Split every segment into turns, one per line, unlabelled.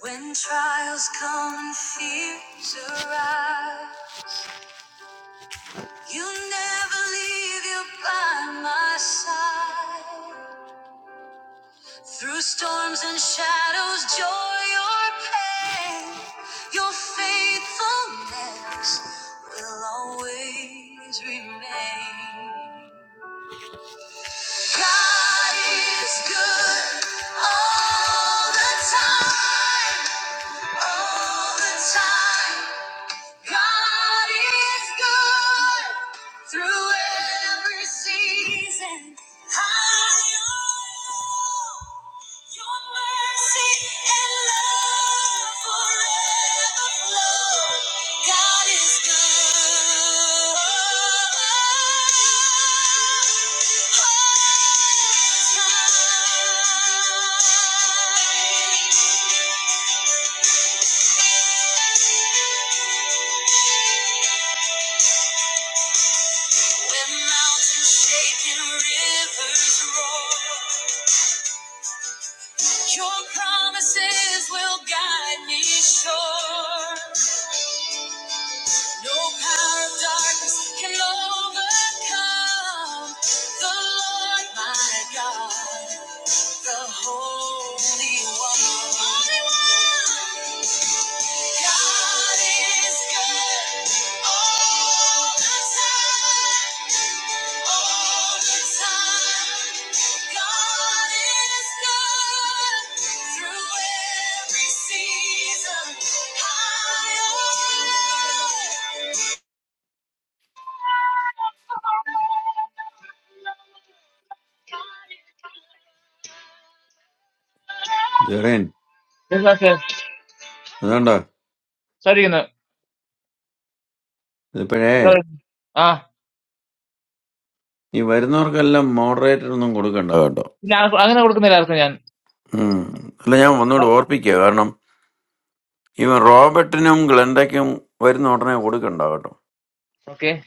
When trials come and fears arise, you never leave you by my side. Through storms and shadows, joy or pain, your faithfulness will always remain. God is good all the time, all the time. God is good through every season. High on your mercy and love forever flow. God is good. All the time. When mountains shake and rivers roar, your promises will guide me sure. No power of darkness can overcome the Lord my God, the Holy One. Holy One. God is good all the time, all the time. God is good through every season, high or
ജെറീൻ
low. Yes, sir.
അതുകൊണ്ടോ
Sorry, no.
ഇപ്പോഴേ
Ah,
ഈ വരുന്നവർക്കെല്ലാം moderator ഒന്നും കൊടുക്കണ്ട കേട്ടോ
ini ang ano ko na kaniyang.
ഉം. അല്ല ഞാൻ ഒന്നുകൂടി ഓർപ്പിക്കുക കാരണം ഇവൻ റോബർട്ടിനും ഗ്ലണ്ടയ്ക്കും വരുന്ന ഉടനെ കൊടുക്കണ്ട കേട്ടോ
Okay.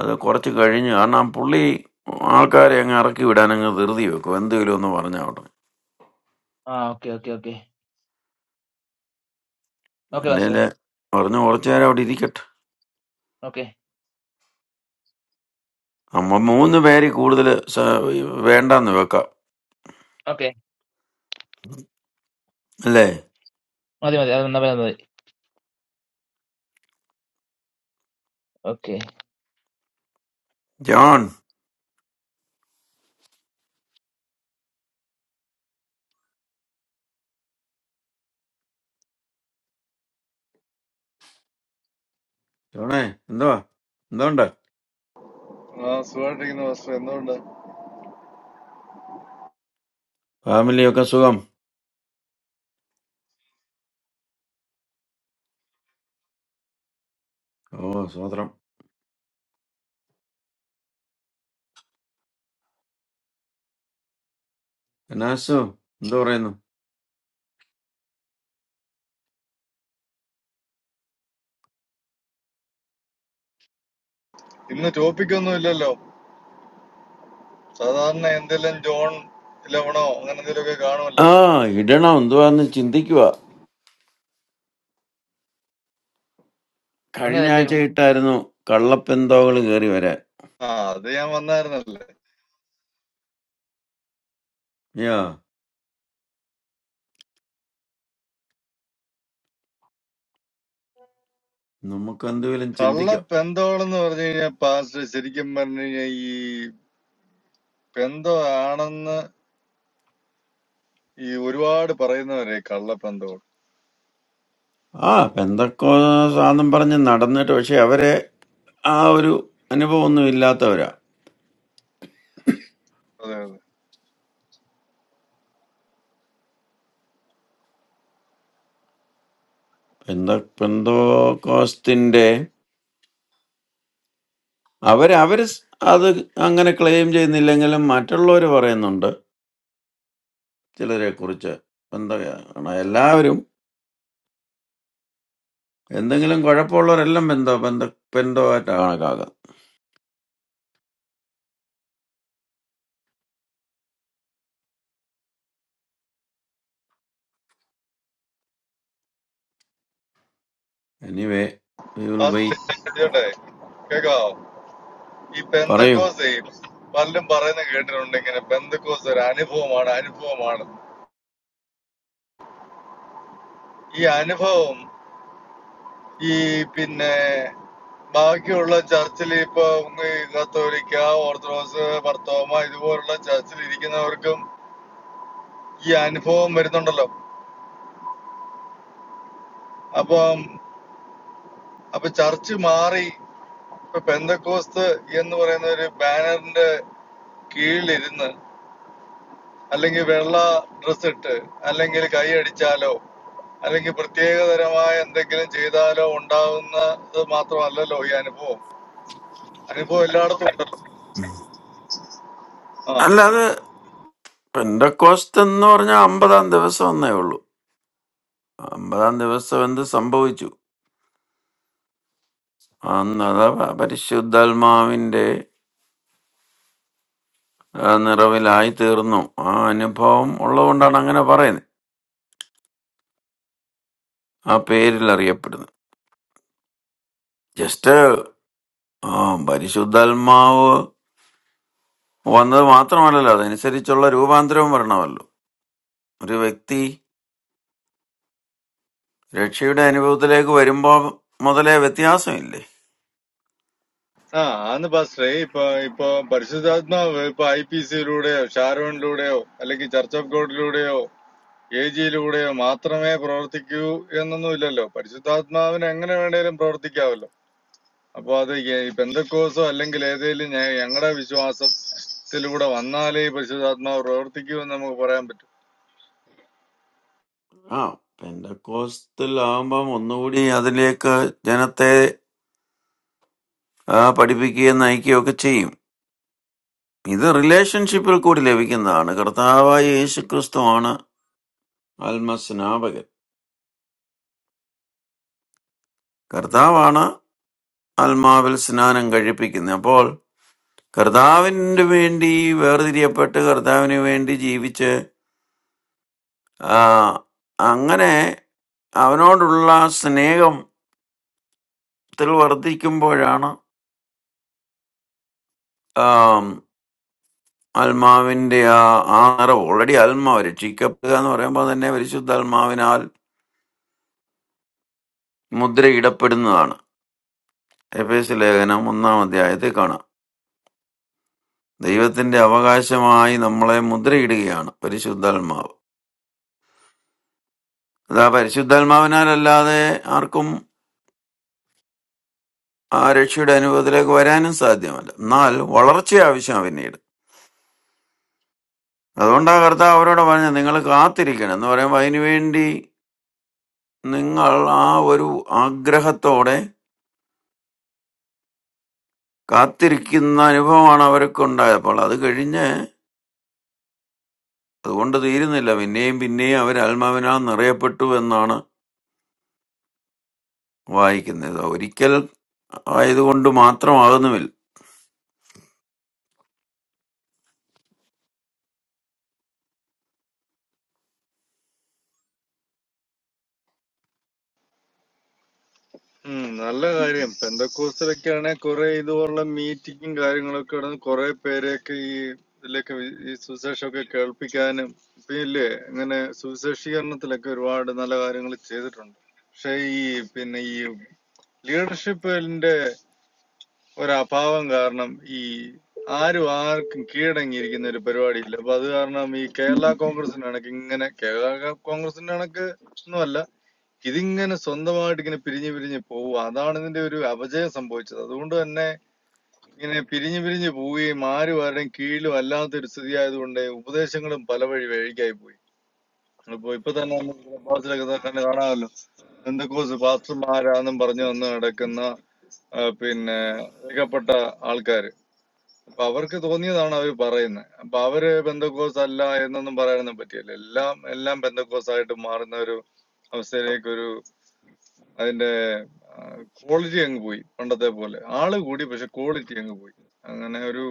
അത് കുറച്ച് കഴിഞ്ഞ് കാരണം ആ പുള്ളി ആൾക്കാരെ അങ്ങ് ഇറക്കി വിടാൻ അങ്ങ് ധൃതി വെക്കും എന്തെങ്കിലും ഒന്ന് പറഞ്ഞാൽ അവിടെ
Ah, okay, okay, okay. Okay,
അല്ലെ
basta.
പറഞ്ഞു കുറച്ചു നേരം അവിടെ ഇരിക്കട്ടെ
Okay.
നമ്മ മൂന്ന് പേര് കൂടുതൽ വേണ്ടെന്ന് വെക്കാം
Okay.
അല്ലേ
Madami, madami. Okay.
ജോൺ ജോണേ എന്തുവാ എന്തുണ്ട്
ആ സുഖമായിട്ടിരിക്കുന്നു ഫസ്റ്റ് എന്തുകൊണ്ട്
ഫാമിലിയൊക്കെ സുഖം ഓ സ്വത്രം കനാസോ എന്താ പറയുന്നു
ഇന്ന് ടോപ്പിക് ഒന്നും ഇല്ലല്ലോ സാധാരണ എന്തെല്ലാം ജോൺ ലവണോ അങ്ങനെ എന്തെങ്കിലുമൊക്കെ കാണുമല്ലോ
ആ ഇടണം എന്തുവാന്ന് ചിന്തിക്കുക കഴിഞ്ഞ ആഴ്ച ഇട്ടായിരുന്നു കള്ളപ്പെന്തോകൾ കയറി വരാൻ
ആ അത് ഞാൻ വന്നായിരുന്നല്ലേ
യാ നമുക്ക് എന്തെങ്കിലും
കള്ള
ചിന്തിക്കാം
പെന്തോളെന്ന് പറഞ്ഞു കഴിഞ്ഞാൽ പാസ്റ്റ് ശരിക്കും പറഞ്ഞു കഴിഞ്ഞാൽ ഈ പെന്തോ ആണെന്ന് ഈ ഒരുപാട് പറയുന്നവരെ കള്ള പെന്തോൾ
ആ പെന്തക്കോ സാധനം പറഞ്ഞ് നടന്നിട്ട് പക്ഷെ അവരെ ആ ഒരു അനുഭവമൊന്നും ഇല്ലാത്തവരാ
അതെ അതെ
പെന്ത പെന്തോക്കോസ്തിന്റെ അവര് അവര് സ് അത് അങ്ങനെ ക്ലെയിം ചെയ്യുന്നില്ലെങ്കിലും മറ്റുള്ളവർ പറയുന്നുണ്ട് ചിലരെ കുറിച്ച് പെന്ത എല്ലാവരും എന്തെങ്കിലും കുഴപ്പമുള്ളവരെല്ലാം പെന്തോ പെന്ത പെന്തോ ആയിട്ടാണ് കാണുക. Anyway, we will
past
wait.
ചെയ്യട്ടെ കേക്കാവോ ഈ
Parayu.
പെന്തക്കോസ് പലരും പറയുന്ന കേട്ടിട്ടുണ്ട് ഇങ്ങനെ പെന്തക്കോസ് ഒരു അനുഭവമാണ് അനുഭവമാണ് ഈ അനുഭവം ഈ പിന്നെ ബാക്കിയുള്ള ചർച്ചിൽ ഇപ്പൊ ഈ കത്തോലിക്ക ഓർത്തഡോക്സ് ഭർത്തോമ ഇതുപോലുള്ള ചർച്ചിൽ ഇരിക്കുന്നവർക്കും ഈ അനുഭവം വരുന്നുണ്ടല്ലോ അപ്പം അപ്പൊ ചർച്ച് മാറി ഇപ്പൊ പെന്തക്കോസ്ത് എന്ന് പറയുന്ന ഒരു ബാനറിന്റെ കീഴിലിരുന്ന് അല്ലെങ്കിൽ വെള്ള ഡ്രസ് ഇട്ട് അല്ലെങ്കിൽ കൈ അടിച്ചാലോ അല്ലെങ്കിൽ പ്രത്യേകതരമായ എന്തെങ്കിലും ചെയ്താലോ ഉണ്ടാവുന്നത് മാത്രമല്ലല്ലോ ഈ അനുഭവം അനുഭവം എല്ലായിടത്തും ഉണ്ടല്ലോ ആ
All that. One question. Normally, Ambadandevasa only. Ambadandevasa. When the samboiju. That's it. But Shuddalmaaminte. I never will like to learn. I never come. All the women are going to come. I don't know. Just. Ah, but Shuddalmao. What that matter? Only that. I say, children, you are not going to learn. A person. Receive. Anyway, other people are not interested.
ആ ആന്ന് പാസ്റ്ററേ ഇപ്പൊ ഇപ്പൊ പരിശുദ്ധാത്മാവ് ഇപ്പൊ I P സിയിലൂടെയോ ഷാരോണിലൂടെയോ അല്ലെങ്കിൽ church of ഗോഡിലൂടെയോ എ ജിയിലൂടെയോ മാത്രമേ പ്രവർത്തിക്കൂ എന്നൊന്നും ഇല്ലല്ലോ പരിശുദ്ധാത്മാവിന് എങ്ങനെ വേണേലും പ്രവർത്തിക്കാവല്ലോ അപ്പൊ അത് ഈ പെന്തക്കോസോ അല്ലെങ്കിൽ ഏതെങ്കിലും ഞങ്ങളുടെ വിശ്വാസത്തിലൂടെ വന്നാലേ ഈ പരിശുദ്ധാത്മാവ് പ്രവർത്തിക്കൂ എന്ന് നമുക്ക് പറയാൻ പറ്റും
ആ പെന്തക്കോസ്തൽ ആകുമ്പം ഒന്നുകൂടി അതിലേക്ക് ജനത്തെ ആ, പഠിപ്പിക്കുകയും നയിക്കുകയും ഒക്കെ ചെയ്യും ഇത് റിലേഷൻഷിപ്പിൽ കൂടി ലഭിക്കുന്നതാണ് കർത്താവായ യേശു ക്രിസ്തുവാണ് ആത്മസ്നാപകൻ കർത്താവാണ് ആത്മാവിൽ സ്നാനം കഴിപ്പിക്കുന്നത് അപ്പോൾ കർത്താവിന് വേണ്ടി വേർതിരിയപ്പെട്ട് കർത്താവിന് വേണ്ടി ജീവിച്ച് ആ, അങ്ങനെ അവനോടുള്ള സ്നേഹത്തിൽ വർദ്ധിക്കുമ്പോഴാണ് ആത്മാവിന്റെ ആ ആ നിറവ് ഓൾറെഡി ആത്മാവ് രക്ഷിക്കപ്പെടുക എന്ന് പറയുമ്പോൾ തന്നെ പരിശുദ്ധാത്മാവിനാൽ മുദ്രയിടപ്പെടുന്നതാണ് എഫ് എസ് ലേഖനം ഒന്നാം അധ്യായത്തിൽ കാണാം ദൈവത്തിന്റെ അവകാശമായി നമ്മളെ മുദ്രയിടുകയാണ് പരിശുദ്ധാത്മാവ് അത് ആ പരിശുദ്ധാത്മാവിനാലല്ലാതെ ആർക്കും ആ രക്ഷയുടെ അനുഭവത്തിലേക്ക് വരാനും സാധ്യമല്ല എന്നാൽ വളർച്ച ആവശ്യമാണ് പിന്നീട് അതുകൊണ്ട് ആ കർത്താവ് അവരോട് പറഞ്ഞത് നിങ്ങൾ കാത്തിരിക്കണം എന്ന് പറയുമ്പോൾ അതിനുവേണ്ടി നിങ്ങൾ ആ ഒരു ആഗ്രഹത്തോടെ കാത്തിരിക്കുന്ന അനുഭവമാണ് അവർക്കുണ്ടായത് അപ്പോൾ അത് കഴിഞ്ഞ് അതുകൊണ്ട് തീരുന്നില്ല പിന്നെയും പിന്നെയും അവർ ആത്മാവിനാൽ നിറയപ്പെട്ടു എന്നാണ് വായിക്കുന്നത് ഇത് ഒരിക്കൽ ആയതുകൊണ്ട് മാത്രമാകുന്നുമില്ല
ഉം നല്ല കാര്യം പെന്തക്കോസിലൊക്കെയാണെ കുറെ ഇതുപോലുള്ള മീറ്റിങ്ങും കാര്യങ്ങളൊക്കെ നടന്ന് കുറെ പേരെയൊക്കെ ഈ ഇതിലേക്ക് വി- ഈ സുവിശേഷമൊക്കെ കേൾപ്പിക്കാനും പിന്നെ ഇങ്ങനെ സുവിശേഷീകരണത്തിലൊക്കെ ഒരുപാട് നല്ല കാര്യങ്ങൾ ചെയ്തിട്ടുണ്ട് പക്ഷെ ഈ പിന്നെ ഈ ലീഡർഷിപ്പിന്റെ ഒരഭാവം കാരണം ഈ ആരും ആർക്കും കീഴടങ്ങിയിരിക്കുന്ന ഒരു പരിപാടിയില്ല അപ്പൊ അത് കാരണം ഈ കേരള കോൺഗ്രസിന്റെ കണക്ക് ഇങ്ങനെ കേരള കോൺഗ്രസിന്റെ കണക്ക് ഒന്നുമല്ല ഇതിങ്ങനെ സ്വന്തമായിട്ട് ഇങ്ങനെ പിരിഞ്ഞു പിരിഞ്ഞ് പോവുക അതാണ് ഇതിന്റെ ഒരു അപജയം സംഭവിച്ചത് അതുകൊണ്ട് തന്നെ ഇങ്ങനെ പിരിഞ്ഞു പിരിഞ്ഞു പോവുകയും ആരും ആരുടെയും കീഴിലും അല്ലാത്ത ഒരു സ്ഥിതി ആയതുകൊണ്ട് ഉപദേശങ്ങളും പല വഴി വഴിക്കായി പോയി ഇപ്പൊ ഇപ്പൊ തന്നെ നമ്മൾ ക്ലബ് ഹൗസിലൊക്കെ ദാ കണ്ട് കാണാമല്ലോ എന്തൊക്കെ പാസ്റ്റർമാരാന്നും പറഞ്ഞു വന്ന് കിടക്കുന്ന ആ, പിന്നെ ഏകപ്പെട്ട ആൾക്കാര് അപ്പൊ അവർക്ക് തോന്നിയതാണ് അവർ പറയുന്നത് അപ്പൊ അവര് ബന്ധക്കോസ് അല്ല എന്നൊന്നും പറയാനൊന്നും പറ്റിയല്ല എല്ലാം എല്ലാം ബന്ധക്കോസ് ആയിട്ട് മാറുന്ന ഒരു അവസ്ഥയിലേക്ക് ഒരു അതിന്റെ ക്വാളിറ്റി അങ്ങ് പോയി പണ്ടത്തെ പോലെ ആള് കൂടി പക്ഷെ ക്വാളിറ്റി അങ്ങ് പോയി അങ്ങനെ ഒരു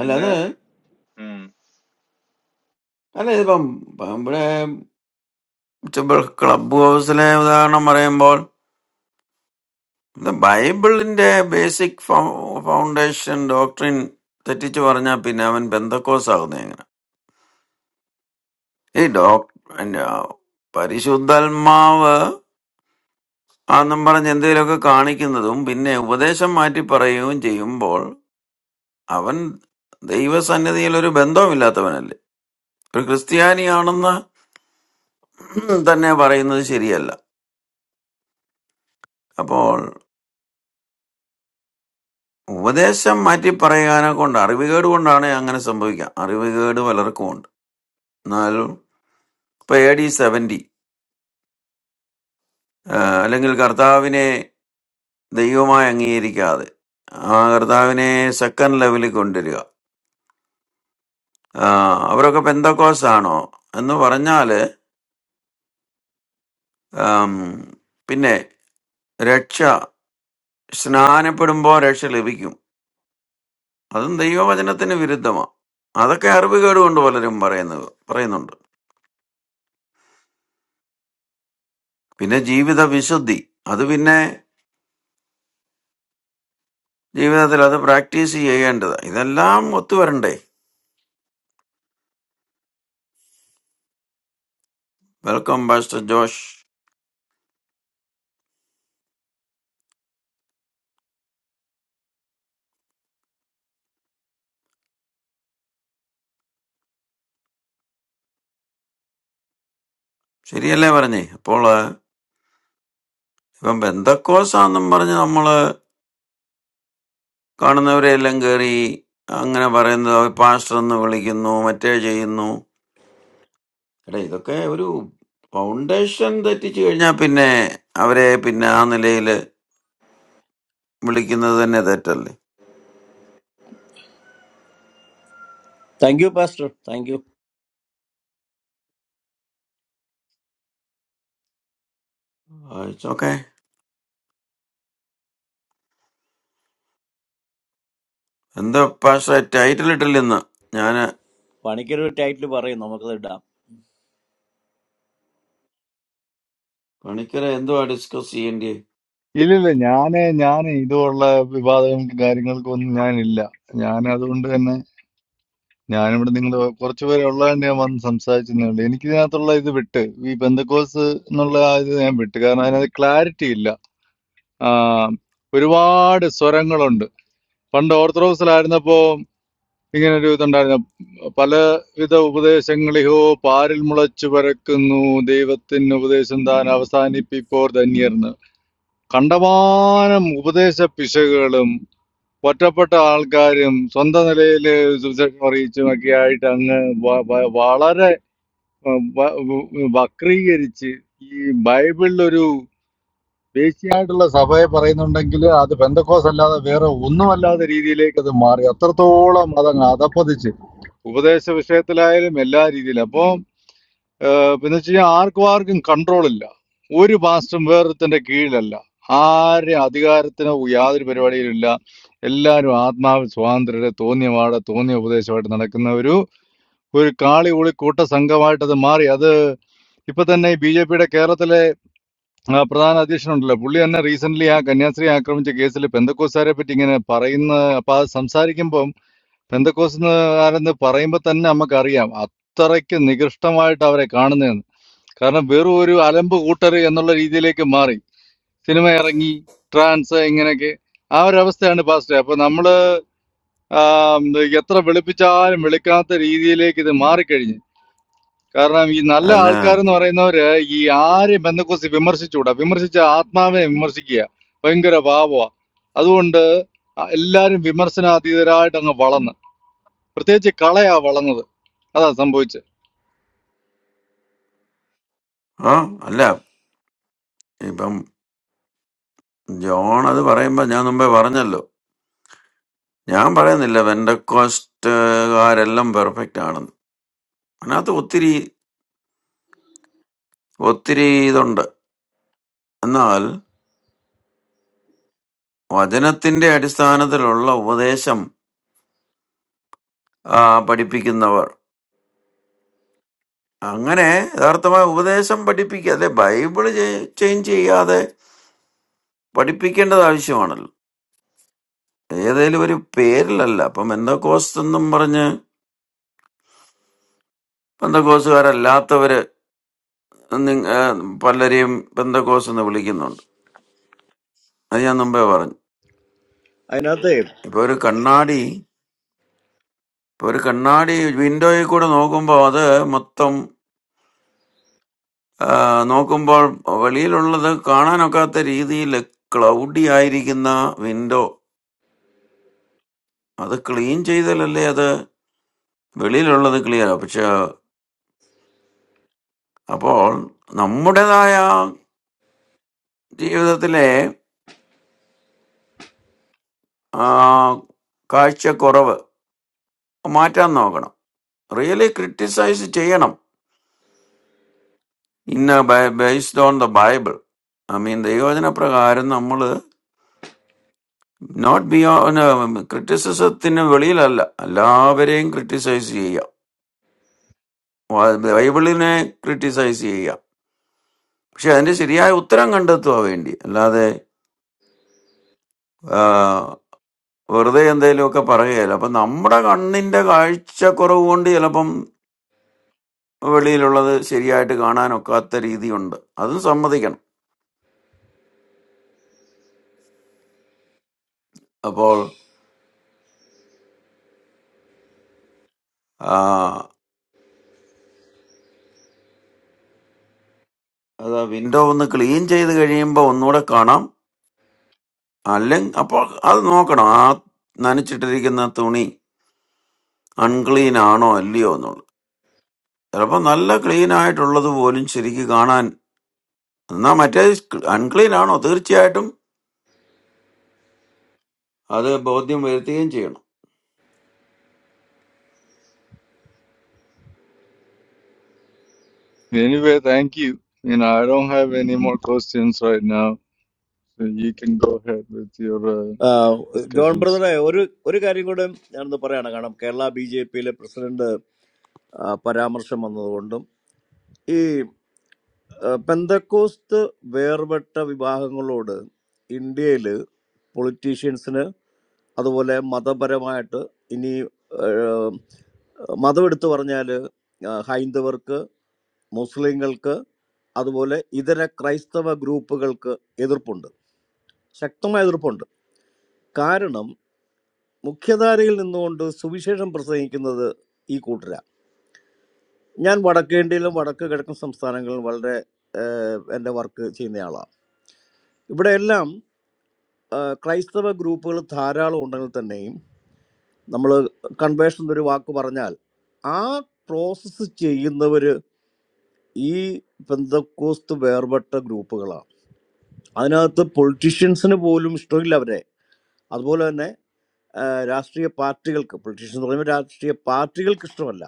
അല്ല അത് അല്ല ഇതിപ്പം പ- ഇവിടെ ഇച്ചിപ്പോ ക്ലബ് ഹൗസിലെ ഉദാഹരണം പറയുമ്പോൾ ഇത് ബൈബിളിന്റെ ബേസിക് ഫൗണ്ടേഷൻ ഡോക്ട്രിൻ തെറ്റിച്ച് പറഞ്ഞാൽ പിന്നെ അവൻ ബന്ധക്കോസ് ആകുന്നത് എങ്ങനെ ഈ ഡോക് പരിശുദ്ധാത്മാവ് ആന്നും പറഞ്ഞ് എന്തെങ്കിലുമൊക്കെ കാണിക്കുന്നതും പിന്നെ ഉപദേശം മാറ്റി പറയുകയും ചെയ്യുമ്പോൾ അവൻ ദൈവസന്നിധിയിൽ ഒരു ബന്ധവുമില്ലാത്തവനല്ലേ ഒരു ക്രിസ്ത്യാനിയാണെന്ന് തന്നെ പറയുന്നത് ശരിയല്ല അപ്പോൾ ഉപദേശം മാറ്റി പറയാനെ കൊണ്ട് അറിവുകേട് കൊണ്ടാണ് അങ്ങനെ സംഭവിക്കുക അറിവുകേട് പലർക്കും ഉണ്ട് എന്നാലും ഇപ്പൊ എ ഡി സെവൻറ്റി അല്ലെങ്കിൽ കർത്താവിനെ ദൈവമായി അംഗീകരിക്കാതെ ആ കർത്താവിനെ സെക്കൻഡ് ലെവലിൽ കൊണ്ടുവരിക ആ, അവരൊക്കെ പെന്തക്കോസ് ആണോ എന്ന് പറഞ്ഞാൽ Um, pinnay, racha, snaan apudhumbho racha leviyum. Adum dayivabajanathine viridhamma. Adakka haruve garu ondu valariyum parayendu. Pinnay, jeevitha visuddhi. Adu pinnay, jeevitha the lado practicei ayi enda. Idha llam otu varnde. Welcome, Master Josh. Siriyal levarne. Pula, vambendakko saanam paranjhammala karnaveelengari. Angne parayendu abhi panchanu guli kinnu, matte jayi kinnu. അല്ല ഇതൊക്കെ ഒരു foundation തെറ്റിച്ചു കഴിഞ്ഞാൽ പിന്നെ അവരെ പിന്നെ ആ നിലയിൽ വിളിക്കുന്നത് തന്നെ തെറ്റല്ലേ
thank you pastor thank you
okay എന്താ പാഷ ടൈറ്റിൽ ഇട്ടില്ല ഇന്ന് ഞാന്
പണിക്കൊരു ടൈറ്റിൽ പറയും നമുക്കത് ഇടാം
പണിക്കരെ എന്തുവാ ഡിസ്കസ് ചെയ്യേണ്ടി
ഇല്ലില്ല ഞാന് ഞാൻ ഇതുപോലുള്ള വിവാദങ്ങളും കാര്യങ്ങൾക്കും ഒന്നും ഞാനില്ല ഞാൻ അതുകൊണ്ട് തന്നെ ഞാനിവിടെ നിങ്ങൾ കുറച്ചു പേരെ ഉള്ളതുകൊണ്ട് ഞാൻ വന്ന് സംസാരിച്ചതേ ഉള്ളൂ എനിക്ക് ഇതിനകത്തുള്ള ഇത് വിട്ട് ഈ ബന്ധക്കോസ് എന്നുള്ള ആ ഇത് ഞാൻ വിട്ട് കാരണം അതിനകത്ത് ക്ലാരിറ്റി ഇല്ല ആ, ഒരുപാട് സ്വരങ്ങളുണ്ട് പണ്ട് ഓർത്തഡോക്സിലായിരുന്നപ്പോ ഇങ്ങനെ ഒരു ഇതുണ്ടായിരുന്നു പലവിധ ഉപദേശങ്ങളിഹോ പാരിൽ മുളച്ചു പരക്കുന്നു ദൈവത്തിന് ഉപദേശം താൻ അവസാനിപ്പിപ്പോർ ധന്യർന്ന് കണ്ടമാനം ഉപദേശ പിശകുകളും ഒറ്റപ്പെട്ട ആൾക്കാരും സ്വന്തം നിലയിൽ സുവിശേഷം അറിയിച്ചും ഒക്കെ ആയിട്ട് അങ്ങ് വ- വ- വളരെ ഉം, വ- ഉം, വക്രീകരിച്ച് ഈ ബൈബിളിലൊരു ദേശീയമായിട്ടുള്ള സഭയെ പറയുന്നുണ്ടെങ്കിൽ അത് ബന്ധക്കോസ് അല്ലാതെ വേറെ ഒന്നുമല്ലാത്ത രീതിയിലേക്ക് അത് മാറി അത്രത്തോളം അതങ്ങ് അധപ്പതിച്ച് ഉപദേശ വിഷയത്തിലായാലും എല്ലാ രീതിയിലും അപ്പോ ഏഹ് പിന്നെ വെച്ച് കഴിഞ്ഞാൽ ആർക്കും ആർക്കും കൺട്രോൾ ഇല്ല ഒരു മാസ്റ്ററും വേറൊരുത്തന്റെ കീഴിലല്ല ആരെ അധികാരത്തിനോ യാതൊരു പരിപാടിയിലും ഇല്ല എല്ലാവരും ആത്മാവ് സ്വാതന്ത്ര്യരെ തോന്നിയ വാട തോന്നിയ ഉപദേശമായിട്ട് നടക്കുന്ന ഒരു ഒരു കാളി ഉളി കൂട്ട സംഘമായിട്ട് അത് മാറി അത് ഇപ്പൊ തന്നെ ബി ജെ പിയുടെ കേരളത്തിലെ ആ, പ്രധാന അധ്യക്ഷനുണ്ടല്ലോ പുള്ളി തന്നെ റീസെന്റ് ആ കന്യാസ്ത്രീ ആക്രമിച്ച കേസിൽ പെന്തക്കോസ്താരെ പറ്റി ഇങ്ങനെ പറയുന്ന അപ്പൊ അത് സംസാരിക്കുമ്പം പെന്തക്കോസ്തുകാരെന്ന് പറയുമ്പോ തന്നെ നമുക്കറിയാം അത്രയ്ക്ക് നികൃഷ്ടമായിട്ട് അവരെ കാണുന്നതെന്ന് കാരണം വെറും ഒരു അലമ്പ് കൂട്ടർ എന്നുള്ള രീതിയിലേക്ക് മാറി സിനിമ ഇറങ്ങി ട്രാൻസ് ഇങ്ങനെയൊക്കെ ആ ഒരു അവസ്ഥയാണ് പാസ്റ്റ് അപ്പൊ നമ്മള് ആം, എത്ര വിളിപ്പിച്ചാലും വിളിക്കാത്ത രീതിയിലേക്ക് ഇത് മാറിക്കഴിഞ്ഞു കാരണം ഈ നല്ല
അല്ല
ആൾക്കാരെന്ന് പറയുന്നവര് ഈ ആരെയും ബന്ധക്കുറിച്ച് വിമർശിച്ചുകൂടാ വിമർശിച്ച ആത്മാവിനെ വിമർശിക്കുക ഭയങ്കര പാപമാ അതുകൊണ്ട് എല്ലാരും വിമർശനാതീതരായിട്ട് അങ്ങ് വളർന്ന് പ്രത്യേകിച്ച് കളയാ വളർന്നത് അതാ സംഭവിച്ചത്
ഓ അല്ല ഇപ്പം ജോൺ അത് പറയുമ്പോ ഞാൻ മുമ്പേ പറഞ്ഞല്ലോ ഞാൻ പറയുന്നില്ല വെൻഡക്കോസ്റ്റുകാരെല്ലാം പെർഫെക്റ്റ് ആണെന്ന് അതിനകത്ത് ഒത്തിരി ഒത്തിരി ഇതുണ്ട് എന്നാൽ വചനത്തിന്റെ അടിസ്ഥാനത്തിലുള്ള ഉപദേശം ആ, പഠിപ്പിക്കുന്നവർ അങ്ങനെ യഥാർത്ഥമായ ഉപദേശം പഠിപ്പിക്കുക അതെ ബൈബിള് ചെ- ചേഞ്ച് ചെയ്യാതെ പഠിപ്പിക്കേണ്ടത് ആവശ്യമാണല്ലോ ഏതേലും ഒരു പേരിലല്ല അപ്പം ബന്ധക്കോസ് എന്നും പറഞ്ഞ് ബന്ധക്കോസുകാരല്ലാത്തവര് നിങ്ങ- ആ, പലരെയും ബന്ധക്കോസ് എന്ന് വിളിക്കുന്നുണ്ട് അത് ഞാൻ മുമ്പേ പറഞ്ഞു
അതിനകത്ത്
ഇപ്പൊ ഒരു കണ്ണാടി ഇപ്പൊ ഒരു കണ്ണാടി വിൻഡോയിൽ കൂടെ നോക്കുമ്പോൾ അത് മൊത്തം ആ, നോക്കുമ്പോൾ വെളിയിലുള്ളത് കാണാനൊക്കാത്ത രീതിയിൽ ക്ലൗഡി ആയിരിക്കുന്ന വിൻഡോ അത് ക്ലീൻ ചെയ്താലല്ലേ അത് വെളിയിലുള്ളത് ക്ലിയർ പക്ഷെ അപ്പോൾ നമ്മുടേതായ ജീവിതത്തിലെ ആ, കാഴ്ചക്കുറവ് മാറ്റാൻ നോക്കണം റിയലി ക്രിട്ടിസൈസ് ചെയ്യണം ഇന്ന based on the Bible I mean ദൈവവചന പ്രകാരം നമ്മൾ നോട്ട് ബിയോ ക്രിറ്റിസിസത്തിന് വെളിയിലല്ല എല്ലാവരെയും ക്രിട്ടിസൈസ് ചെയ്യാം വാ- ബൈബിളിനെ ക്രിട്ടിസൈസ് ചെയ്യാം പക്ഷെ അതിന്റെ ശരിയായ ഉത്തരം കണ്ടെത്തുക വേണ്ടി അല്ലാതെ വെറുതെ എന്തെങ്കിലുമൊക്കെ പറയുകയല്ല അപ്പം നമ്മുടെ കണ്ണിന്റെ കാഴ്ചക്കുറവ് കൊണ്ട് ചിലപ്പം വെളിയിലുള്ളത് ശരിയായിട്ട് കാണാനൊക്കാത്ത രീതിയുണ്ട് അതും സമ്മതിക്കണം അപ്പോൾ ആ, അത് വിൻഡോ ഒന്ന് ക്ലീൻ ചെയ്ത് കഴിയുമ്പോൾ ഒന്നുകൂടെ കാണാം അല്ലെങ്കിൽ അപ്പോൾ അത് നോക്കണം ആ നനച്ചിട്ടിരിക്കുന്ന തുണി അൺക്ലീൻ ആണോ അല്ലയോ എന്നുള്ളത് ചിലപ്പോൾ നല്ല ക്ലീൻ ആയിട്ടുള്ളത് പോലും ശരിക്ക് കാണാൻ എന്നാ മറ്റേ അൺക്ലീൻ ആണോ തീർച്ചയായിട്ടും അത് ബോധ്യം വരുത്തുകയും ചെയ്യണം
anyway thank you I don't have any more questions right now So you can go ahead with your uh,
ആ, ജോൺ
discussions.
ബ്രദറെ ഒരു ഒരു കാര്യം കൂടെ ഞാനൊന്ന് പറയാണ് കാരണം കേരള ബി ജെ പിയിലെ പ്രസിഡന്റ് ആ, പരാമർശം വന്നതുകൊണ്ടും ഈ ആ, പെന്തക്കോസ്ത് വേർപെട്ട വിഭാഗങ്ങളോട് ഇന്ത്യയിൽ പൊളിറ്റീഷ്യൻസിന് അതുപോലെ മതപരമായിട്ട് ഇനി ആ, മതം എടുത്തു പറഞ്ഞാൽ ഹൈന്ദവർക്ക് മുസ്ലിങ്ങൾക്ക് അതുപോലെ ഇതര ക്രൈസ്തവ ഗ്രൂപ്പുകൾക്ക് എതിർപ്പുണ്ട് ശക്തമായ എതിർപ്പുണ്ട് കാരണം മുഖ്യധാരയിൽ നിന്നുകൊണ്ട് സുവിശേഷം പ്രസംഗിക്കുന്നത് ഈ കൂട്ടരാണ് ഞാൻ വടക്കേ ഇന്ത്യയിലും വടക്ക് കിഴക്കൻ സംസ്ഥാനങ്ങളിലും വളരെ എൻ്റെ വർക്ക് ചെയ്യുന്നയാളാണ് ഇവിടെയെല്ലാം ആ, ക്രൈസ്തവ ഗ്രൂപ്പുകൾ ധാരാളം ഉണ്ടെങ്കിൽ തന്നെയും നമ്മൾ കൺവേഷൻ എന്നൊരു വാക്ക് പറഞ്ഞാൽ ആ പ്രോസസ്സ് ചെയ്യുന്നവർ ഈ പെന്തക്കോസ്ത് വേർപെട്ട ഗ്രൂപ്പുകളാണ് അതിനകത്ത് പൊളിറ്റീഷ്യൻസിന് പോലും ഇഷ്ടമില്ല അവരെ അതുപോലെ തന്നെ ആ, രാഷ്ട്രീയ പാർട്ടികൾക്ക് പൊളിറ്റീഷ്യൻ എന്ന് പറയുമ്പോൾ രാഷ്ട്രീയ പാർട്ടികൾക്ക് ഇഷ്ടമല്ല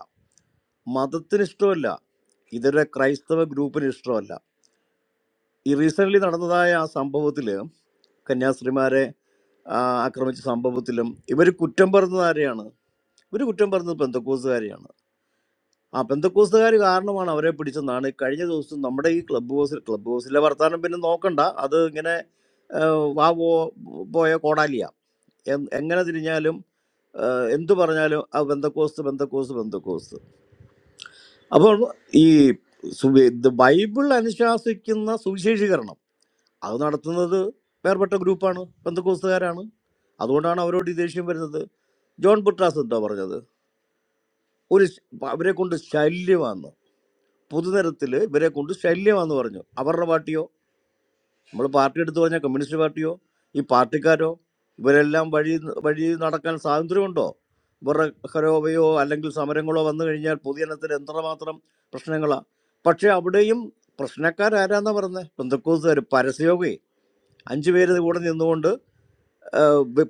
മതത്തിന് ഇഷ്ടമല്ല ഇതൊരു ക്രൈസ്തവ ഗ്രൂപ്പിന് ഇഷ്ടമല്ല ഈ റീസെൻ്റ്ലി നടന്നതായ ആ സംഭവത്തിൽ കന്യാസ്ത്രീമാരെ ആ, ആക്രമിച്ച സംഭവത്തിലും ഇവർ കുറ്റം പറഞ്ഞത് ആരെയാണ് ഇവർ കുറ്റം പറഞ്ഞത് പെന്തക്കോസുകാരെയാണ് ആ പെന്തക്കോസുകാർ കാരണമാണ് അവരെ പിടിച്ചെന്നാണ് കഴിഞ്ഞ ദിവസം നമ്മുടെ ഈ ക്ലബ് ഹൗസിൽ ക്ലബ് ഹൗസിലെ വർത്താനം പിന്നെ നോക്കണ്ട അത് ഇങ്ങനെ ആ, വാ പോ- പോയ കോടാലിയ എ- എങ്ങനെ തിരിഞ്ഞാലും ആ, എന്തു പറഞ്ഞാലും ആ ബന്ധക്കോസ് ബന്ധക്കോസ് ബന്ധക്കോസ് അപ്പോൾ ഈ സുവി- ഇത് ബൈബിൾ അനുശാസിക്കുന്ന സുവിശേഷീകരണം അത് നടത്തുന്നത് വേർപെട്ട ഗ്രൂപ്പാണ് ബന്ധക്കോസുകാരാണ് അതുകൊണ്ടാണ് അവരോട് ഈ ദേഷ്യം വരുന്നത് ജോൺ ബുട്രാസ് എന്താ പറഞ്ഞത് ഒരു ശ- അവരെ കൊണ്ട് ശല്യമാണെന്ന് പൊതുനിരത്തിൽ ഇവരെ കൊണ്ട് ശല്യമാണെന്ന് പറഞ്ഞു അവരുടെ പാട്ടിയോ നമ്മൾ പാർട്ടി എടുത്തു പറഞ്ഞാൽ കമ്മ്യൂണിസ്റ്റ് പാർട്ടിയോ ഈ പാർട്ടിക്കാരോ ഇവരെല്ലാം വഴി വഴി നടക്കാൻ സ്വാതന്ത്ര്യമുണ്ടോ ഇവരുടെ ഹരോവയോ അല്ലെങ്കിൽ സമരങ്ങളോ വന്നു കഴിഞ്ഞാൽ പൊതുജനത്തിന് എത്രമാത്രം പ്രശ്നങ്ങളാണ് പക്ഷേ അവിടെയും പ്രശ്നക്കാരാരാന്നാ പറഞ്ഞത് ബന്ധുക്കൂസുകാർ പരസ്യമൊക്കെ അഞ്ചു പേര് കൂടെ നിന്നുകൊണ്ട്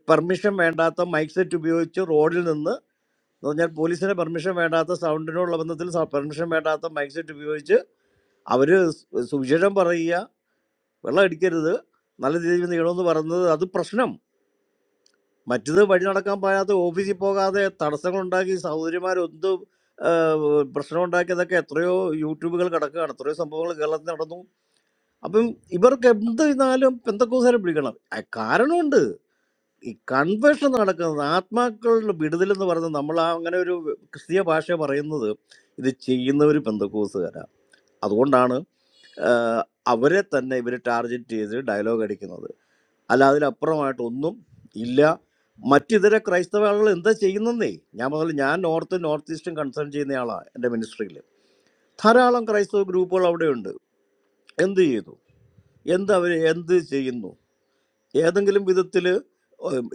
പെർമിഷൻ വേണ്ടാത്ത മൈക്ക് സെറ്റ് ഉപയോഗിച്ച് റോഡിൽ നിന്ന് എന്ന് പറഞ്ഞാൽ പോലീസിന് പെർമിഷൻ വേണ്ടാത്ത സൗണ്ടിനുള്ള ബന്ധത്തിൽ പെർമിഷൻ വേണ്ടാത്ത മൈക്ക് സെറ്റ് ഉപയോഗിച്ച് അവര് സുവിശേഷം പറയുക വെള്ളം അടിക്കരുത് നല്ല രീതിയിൽ നീണമെന്ന് പറയുന്നത് അത് പ്രശ്നം മറ്റത് വഴി നടക്കാൻ പാടാത്ത ഓഫീസിൽ പോകാതെ തടസ്സങ്ങൾ ഉണ്ടാക്കി സഹോദരിമാരൊന്ത് പ്രശ്നം ഉണ്ടാക്കിയതൊക്കെ എത്രയോ യൂട്യൂബുകൾ കിടക്കുകയാണ് എത്രയോ സംഭവങ്ങൾ കേരളത്തിൽ നടന്നു അപ്പം ഇവർക്ക് എന്ത് ചെയ്താലും പെന്തക്കോസാരെ പിടിക്കണം ആ, കാരണമുണ്ട് ഈ കൺവേർഷൻ നടക്കുന്നത് ആത്മാക്കളുടെ വിടുതൽ എന്ന് പറയുന്നത് നമ്മൾ ആ അങ്ങനെ ഒരു ക്രിസ്തീയ ഭാഷ പറയുന്നത് ഇത് ചെയ്യുന്നവർ പെന്തക്കോസുകാരാണ് അതുകൊണ്ടാണ് ആ, അവരെ തന്നെ ഇവർ ടാർഗറ്റ് ചെയ്ത് ഡയലോഗ് അടിക്കുന്നത് അല്ല അതിലപ്പുറമായിട്ടൊന്നും ഇല്ല മറ്റിതര ക്രൈസ്തവ ആളുകൾ എന്താ ചെയ്യുന്നേ ഞാൻ മുതൽ ഞാൻ നോർത്ത് നോർത്ത് ഈസ്റ്റും കൺസേൺ ചെയ്യുന്നയാളാണ് എൻ്റെ മിനിസ്ട്രിയിൽ ധാരാളം ക്രൈസ്തവ ഗ്രൂപ്പുകൾ അവിടെയുണ്ട് എന്ത് ചെയ്തു എന്ത് അവർ എന്ത് ചെയ്യുന്നു ഏതെങ്കിലും വിധത്തിൽ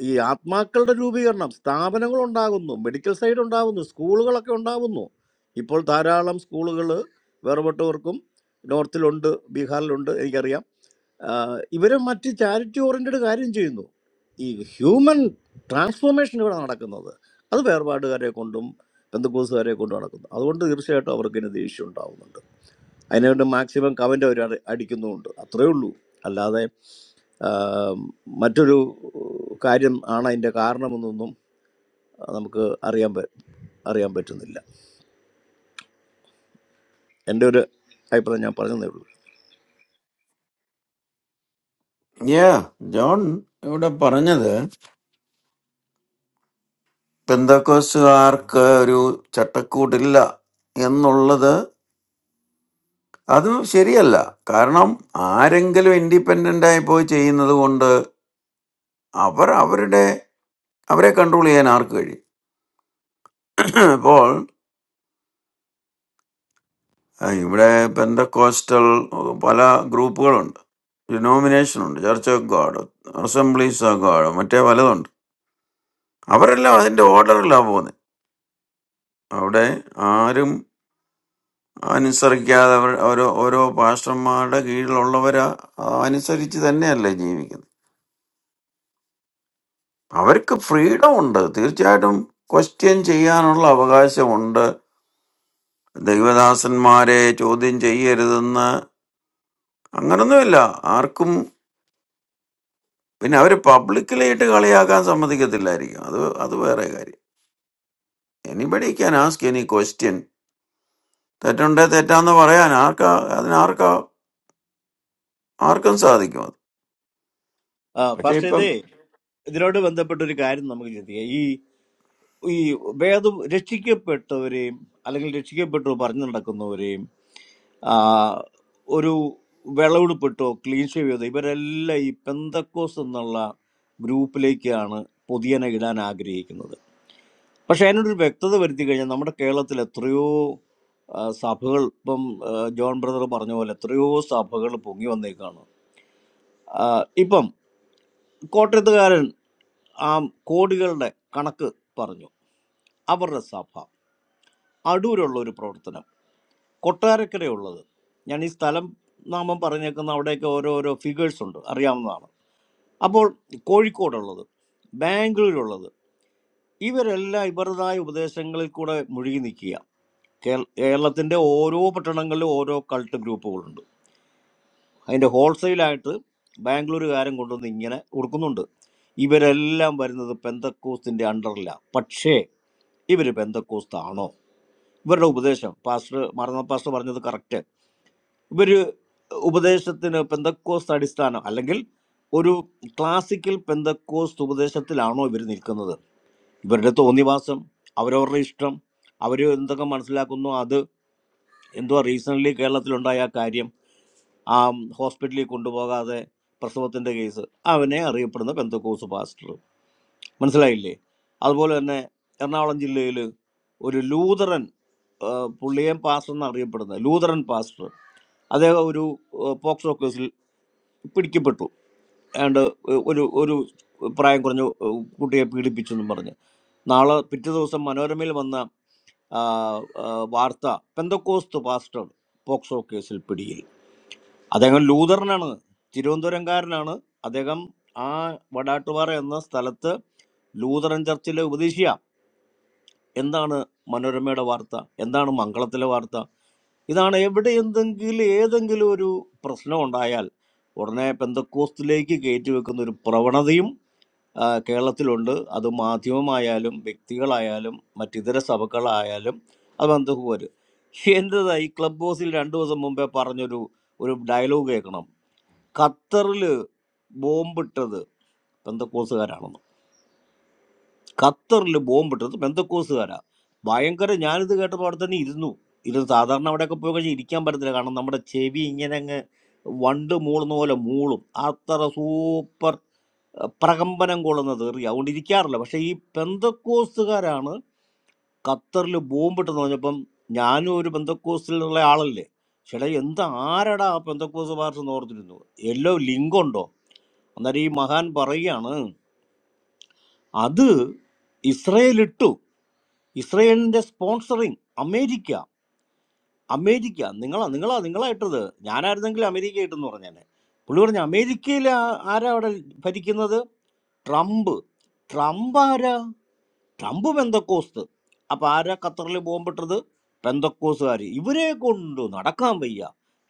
ഈ ആത്മാക്കളുടെ രൂപീകരണം സ്ഥാപനങ്ങൾ ഉണ്ടാകുന്നു മെഡിക്കൽ സൈഡ് ഉണ്ടാകുന്നു സ്കൂളുകളൊക്കെ ഉണ്ടാകുന്നു ഇപ്പോൾ ധാരാളം സ്കൂളുകൾ വേർപെട്ടവർക്കും നോർത്തിലുണ്ട് ബീഹാറിലുണ്ട് എനിക്കറിയാം ആഹ് ഇവര് മറ്റ് ചാരിറ്റി ഓറിയൻറ്റഡ് കാര്യം ചെയ്യുന്നു ഈ ഹ്യൂമൻ ട്രാൻസ്ഫോർമേഷൻ ഇവിടെ നടക്കുന്നത് അത് വേർപാടുകാരെ കൊണ്ടും ബന്ധുക്കൂസുകാരെ കൊണ്ടും നടക്കുന്നു അതുകൊണ്ട് തീർച്ചയായിട്ടും അവർക്ക് ഇനി ദേഷ്യം ഉണ്ടാവുന്നുണ്ട് അതിനുവേണ്ടി മാക്സിമം കമൻ്റ് അവർ അടിക്കുന്നുമുണ്ട് അത്രയേ ഉള്ളൂ അല്ലാതെ ആ, മറ്റൊരു കാര്യം ആണ് അതിൻ്റെ കാരണമെന്നൊന്നും നമുക്ക് അറിയാൻ പ- അറിയാൻ പറ്റുന്നില്ല എൻ്റെ ഒരു അഭിപ്രായം ഞാൻ പറഞ്ഞതേ ഉള്ളൂ
ഏ ജോൺ ഇവിടെ പറഞ്ഞത് പെന്തക്കോസ്തുകാർക്ക് ഒരു ചട്ടക്കൂടില്ല എന്നുള്ളത് അത് ശരിയല്ല കാരണം ആരെങ്കിലും ഇൻഡിപെൻഡന്റ് ആയി പോയി ചെയ്യുന്നത് കൊണ്ട് അവർ അവരുടെ അവരെ കൺട്രോൾ ചെയ്യാൻ ആർക്ക് കഴിയും അപ്പോൾ അഹ് ഇവിടെ പെന്തക്കോസ്റ്റൽ പല ഗ്രൂപ്പുകളുണ്ട് ഡിനോമിനേഷൻ ഉണ്ട് church of God assemblies of God മറ്റേ പലതുണ്ട് അവരെല്ലാം അതിന്റെ ഓർഡറിലാണ് പോകുന്നത് അവിടെ ആരും അനുസരിക്കാതെ അവർ ഓരോ ഓരോ പാസ്റ്റർമാരുടെ കീഴിലുള്ളവരാ ആ, അനുസരിച്ച് തന്നെയല്ലേ ജീവിക്കുന്നത് അവർക്ക് ഫ്രീഡം ഉണ്ട് തീർച്ചയായിട്ടും ക്വസ്റ്റ്യൻ ചെയ്യാനുള്ള അവകാശമുണ്ട് ദൈവദാസന്മാരെ ചോദ്യം ചെയ്യരുതെന്ന് അങ്ങനൊന്നുമില്ല ആർക്കും പിന്നെ അവർ പബ്ലിക്കലായിട്ട് കളിയാക്കാൻ സമ്മതിക്കത്തില്ലായിരിക്കും അത് അത് വേറെ കാര്യം anybody can ask any question തെറ്റുണ്ടേ തെറ്റാന്ന് പറയാൻ ആർക്കാ അതിനാർക്കാ ആർക്കും സാധിക്കും അത്
ആ,
പക്ഷെ
പാസ്റ്റർ
ഇപ്പം
ഇതേ ഇതിനോട് ബന്ധപ്പെട്ട ഒരു കാര്യം നമുക്ക് ചിന്തിക്കാം ഈ ഈ വേദം രക്ഷിക്കപ്പെട്ടവരെയും അല്ലെങ്കിൽ രക്ഷിക്കപ്പെട്ടു പറഞ്ഞു നടക്കുന്നവരെയും ആ, ഒരു വിളവെടുപ്പിട്ടോ ക്ലീൻ ഷേവ് ചെയ്തോ ഇവരെല്ലാം ഈ പെന്തക്കോസ് എന്നുള്ള ഗ്രൂപ്പിലേക്കാണ് പൊതിയനെ ഇടാൻ ആഗ്രഹിക്കുന്നത് പക്ഷെ അതിനൊരു വ്യക്തത വരുത്തി കഴിഞ്ഞാൽ നമ്മുടെ കേരളത്തിൽ എത്രയോ ആ, സഭകൾ ഇപ്പം ആ, ജോൺ ബ്രദർ പറഞ്ഞ പോലെ എത്രയോ സഭകൾ പൊങ്ങി വന്നേക്കാണ് ആ, ഇപ്പം കോട്ടയത്തുകാരൻ ആ കോടികളുടെ കണക്ക് പറഞ്ഞു അവരുടെ സഭ അടൂരുള്ള ഒരു പ്രവർത്തനം കൊട്ടാരക്കരയുള്ളത് ഞാൻ ഈ സ്ഥലം നാമം പറഞ്ഞേക്കുന്ന അവിടെയൊക്കെ ഓരോരോ ഫിഗേഴ്സ് ഉണ്ട് അറിയാവുന്നതാണ് അപ്പോൾ കോഴിക്കോടുള്ളത് ബാംഗ്ലൂരുള്ളത് ഇവരെല്ലാം ഇവരുടേതായ ഉപദേശങ്ങളിൽ കൂടെ മുഴുകി നിൽക്കുക കേൾ- കേരളത്തിൻ്റെ ഓരോ പട്ടണങ്ങളിലും ഓരോ കൾട്ട് ഗ്രൂപ്പുകളുണ്ട് അതിൻ്റെ ഹോൾസെയിലായിട്ട് ബാംഗ്ലൂരുകാരൻ കൊണ്ടുവന്ന് ഇങ്ങനെ ഉറുക്കുന്നുണ്ട് ഇവരെല്ലാം വരുന്നത് പെന്തക്കോസ്തിൻ്റെ അണ്ടറിലാണ് പക്ഷേ ഇവർ പെന്തക്കോസ്താണോ ഇവരുടെ ഉപദേശം പാസ്റ്റർ മാർന്ന പാസ്റ്റർ പറഞ്ഞത് കറക്റ്റ് ഇവര് ഉപദേശത്തിന് പെന്തക്കോസ്ത് അടിസ്ഥാനം അല്ലെങ്കിൽ ഒരു ക്ലാസിക്കൽ പെന്തക്കോസ്ത് ഉപദേശത്തിലാണോ ഇവർ നിൽക്കുന്നത് ഇവരുടെ തോന്നിവാസം അവരവരുടെ ഇഷ്ടം അവർ എന്തൊക്കെ മനസ്സിലാക്കുന്നു അത് എന്തുവാ റീസെൻ്റ്ലി കേരളത്തിലുണ്ടായ ആ കാര്യം ആ ഹോസ്പിറ്റലിൽ കൊണ്ടുപോകാതെ പ്രസവത്തിൻ്റെ കേസ് അവനെ അറിയപ്പെടുന്ന പെന്തക്കോസ് പാസ്റ്റർ മനസ്സിലായില്ലേ അതുപോലെ തന്നെ എറണാകുളം ജില്ലയിൽ ഒരു ലൂതറൻ ആ, പുള്ളിയെ പാസ്റ്റർ എന്ന് അറിയപ്പെടുന്നത് ലൂതറൻ പാസ്റ്റർ അദ്ദേഹം ഒരു ഏഹ്, പോക്സോ കേസിൽ പിടിക്കപ്പെട്ടു ഏതാണ്ട് ഒരു ഒരു പ്രായം കുറഞ്ഞ ഏഹ്, കുട്ടിയെ പീഡിപ്പിച്ചു എന്നും പറഞ്ഞ് നാളെ പിറ്റേ ദിവസം മനോരമയിൽ വന്ന ആ, ആ, വാർത്ത പെന്തക്കോസ്ത് പാസ്റ്റർ പോക്സോ കേസിൽ പിടിയിൽ അദ്ദേഹം ലൂതറിനാണ് തിരുവനന്തപുരംകാരനാണ് അദ്ദേഹം ആ വടാട്ടുപാറ എന്ന സ്ഥലത്ത് ലൂതറൻ ചർച്ചിലെ ഉപദേശിയ എന്താണ് മനോരമയുടെ വാർത്ത എന്താണ് മംഗളത്തിലെ വാർത്ത ഇതാണ് എവിടെ എന്തെങ്കിലും ഏതെങ്കിലും ഒരു പ്രശ്നം ഉണ്ടായാൽ ഉടനെ പെന്തക്കോസ്തിലേക്ക് കയറ്റി വെക്കുന്ന ഒരു പ്രവണതയും ആ, കേരളത്തിലുണ്ട് അത് മാധ്യമമായാലും വ്യക്തികളായാലും മറ്റിതര സഭകളായാലും അത് ബന്ധുവർ എൻ്റെതാ ഈ ക്ലബ് ഹൗസിൽ രണ്ടു ദിവസം മുമ്പേ പറഞ്ഞൊരു ഒരു ഡയലോഗ് കേൾക്കണം ഖത്തറിൽ ബോംബിട്ടത് പെന്തക്കോസുകാരാണെന്ന് ഖത്തറിൽ ബോംബിട്ടത് പെന്തക്കോസുകാരാ ഭയങ്കര ഞാനിത് കേട്ടപ്പോൾ അവിടെ തന്നെ ഇരുന്നു ഇത് സാധാരണ അവിടെയൊക്കെ പോയി കഴിഞ്ഞാൽ ഇരിക്കാൻ പറ്റത്തില്ല കാരണം നമ്മുടെ ചെവി ഇങ്ങനെ അങ്ങ് വണ്ട് മൂളുന്ന പോലെ മൂളും അത്ര സൂപ്പർ അഹ് പ്രകമ്പനം കൊള്ളുന്ന തെറി അതുകൊണ്ട് ഇരിക്കാറില്ല പക്ഷേ ഈ പെന്തക്കോസ്തുകാരാണ് ഖത്തറിൽ ബോംബിട്ടെന്ന് പറഞ്ഞപ്പം ഞാനും ഒരു പെന്തക്കോസ്റ്റിലുള്ള ആളല്ലേ ചേട്ടാ എന്ത് ആരടാ ആ പെന്തക്കോസ് പാർട്ടി എന്ന് ഓർത്തിരുന്നു എല്ലോ ലിങ്ക് ഉണ്ടോ അന്നേരം ഈ മഹാൻ പറയുകയാണ് അത് ഇസ്രയേൽ ഇട്ടു ഇസ്രയേലിന്റെ സ്പോൺസറിങ് അമേരിക്ക അമേരിക്ക നിങ്ങളാ നിങ്ങളാ നിങ്ങളാ ഇട്ടത് ഞാനായിരുന്നെങ്കിൽ അമേരിക്ക ഇട്ടെന്ന് പറഞ്ഞേനെ പുള്ളി പറഞ്ഞു അമേരിക്കയിൽ ആ- ആരാ അവിടെ ഭരിക്കുന്നത് ട്രംപ് ട്രംപ് ആരാ ട്രംപ് പെന്തക്കോസ്ത് അപ്പൊ ആരാ ഖത്തറിൽ പോകുമ്പോട്ടത് പെന്തക്കോസുകാർ ഇവരെ കൊണ്ട് നടക്കാൻ വയ്യ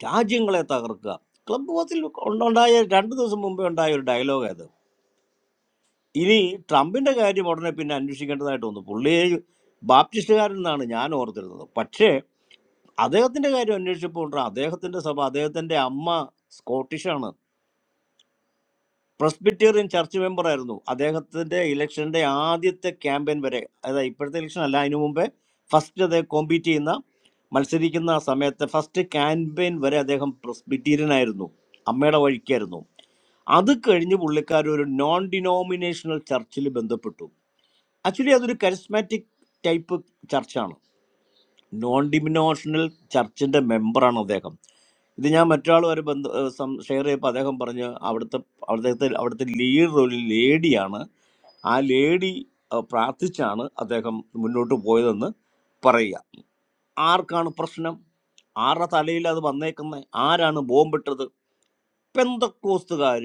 രാജ്യങ്ങളെ തകർക്കുക ക്ലബ് ഹൗസിൽ ഉണ്ട- ഉണ്ടായ രണ്ട് ദിവസം മുമ്പേ ഉണ്ടായ ഒരു ഡയലോഗ് അത് ഇനി ട്രംപിന്റെ കാര്യം ഉടനെ പിന്നെ അന്വേഷിക്കേണ്ടതായിട്ട് വന്നു പുള്ളിയെ ബാപ്റ്റിസ്റ്റുകാരനാണ് ഞാൻ ഓർത്തിരുന്നത് പക്ഷേ അദ്ദേഹത്തിന്റെ കാര്യം അന്വേഷിച്ചപ്പോൾ അദ്ദേഹത്തിന്റെ സഭ അദ്ദേഹത്തിന്റെ അമ്മ സ്കോട്ടിഷാണ് പ്രസ്ബിറ്റേറിയൻ ചർച്ച് മെമ്പറായിരുന്നു അദ്ദേഹത്തിന്റെ ഇലക്ഷന്റെ ആദ്യത്തെ ക്യാമ്പയിൻ വരെ അതായത് ഇപ്പോഴത്തെ ഇലക്ഷൻ അല്ല അതിനു മുമ്പേ ഫസ്റ്റ് അദ്ദേഹം കോമ്പീറ്റ് ചെയ്യുന്ന മത്സരിക്കുന്ന ആ സമയത്തെ ഫസ്റ്റ് ക്യാമ്പയിൻ വരെ അദ്ദേഹം പ്രസ്ബിറ്റേറിയൻ ആയിരുന്നു അമ്മയുടെ വഴിക്കായിരുന്നു അത് കഴിഞ്ഞ് പുള്ളിക്കാർ ഒരു നോൺ ഡിനോമിനേഷണൽ ചർച്ചിൽ ബന്ധപ്പെട്ടു ആക്ച്വലി അതൊരു കരിസ്മാറ്റിക് ടൈപ്പ് ചർച്ചാണ് നോൺ ഡിമിനോഷണൽ ചർച്ചിന്റെ മെമ്പറാണ് അദ്ദേഹം ഇത് ഞാൻ മറ്റൊരാളുമായി ബന്ധം ഷെയർ ചെയ്തപ്പോൾ അദ്ദേഹം പറഞ്ഞു അവിടുത്തെ അവിടുത്തെ അവിടുത്തെ ലീഡർ ഒരു ലേഡിയാണ് ആ ലേഡി ഏഹ്, പ്രാർത്ഥിച്ചാണ് അദ്ദേഹം മുന്നോട്ട് പോയതെന്ന് പറയുക ആർക്കാണ് പ്രശ്നം ആരുടെ തലയിൽ അത് വന്നേക്കുന്നത് ആരാണ് ബോംബിട്ടത് പെന്തക്കോസ്തുകാർ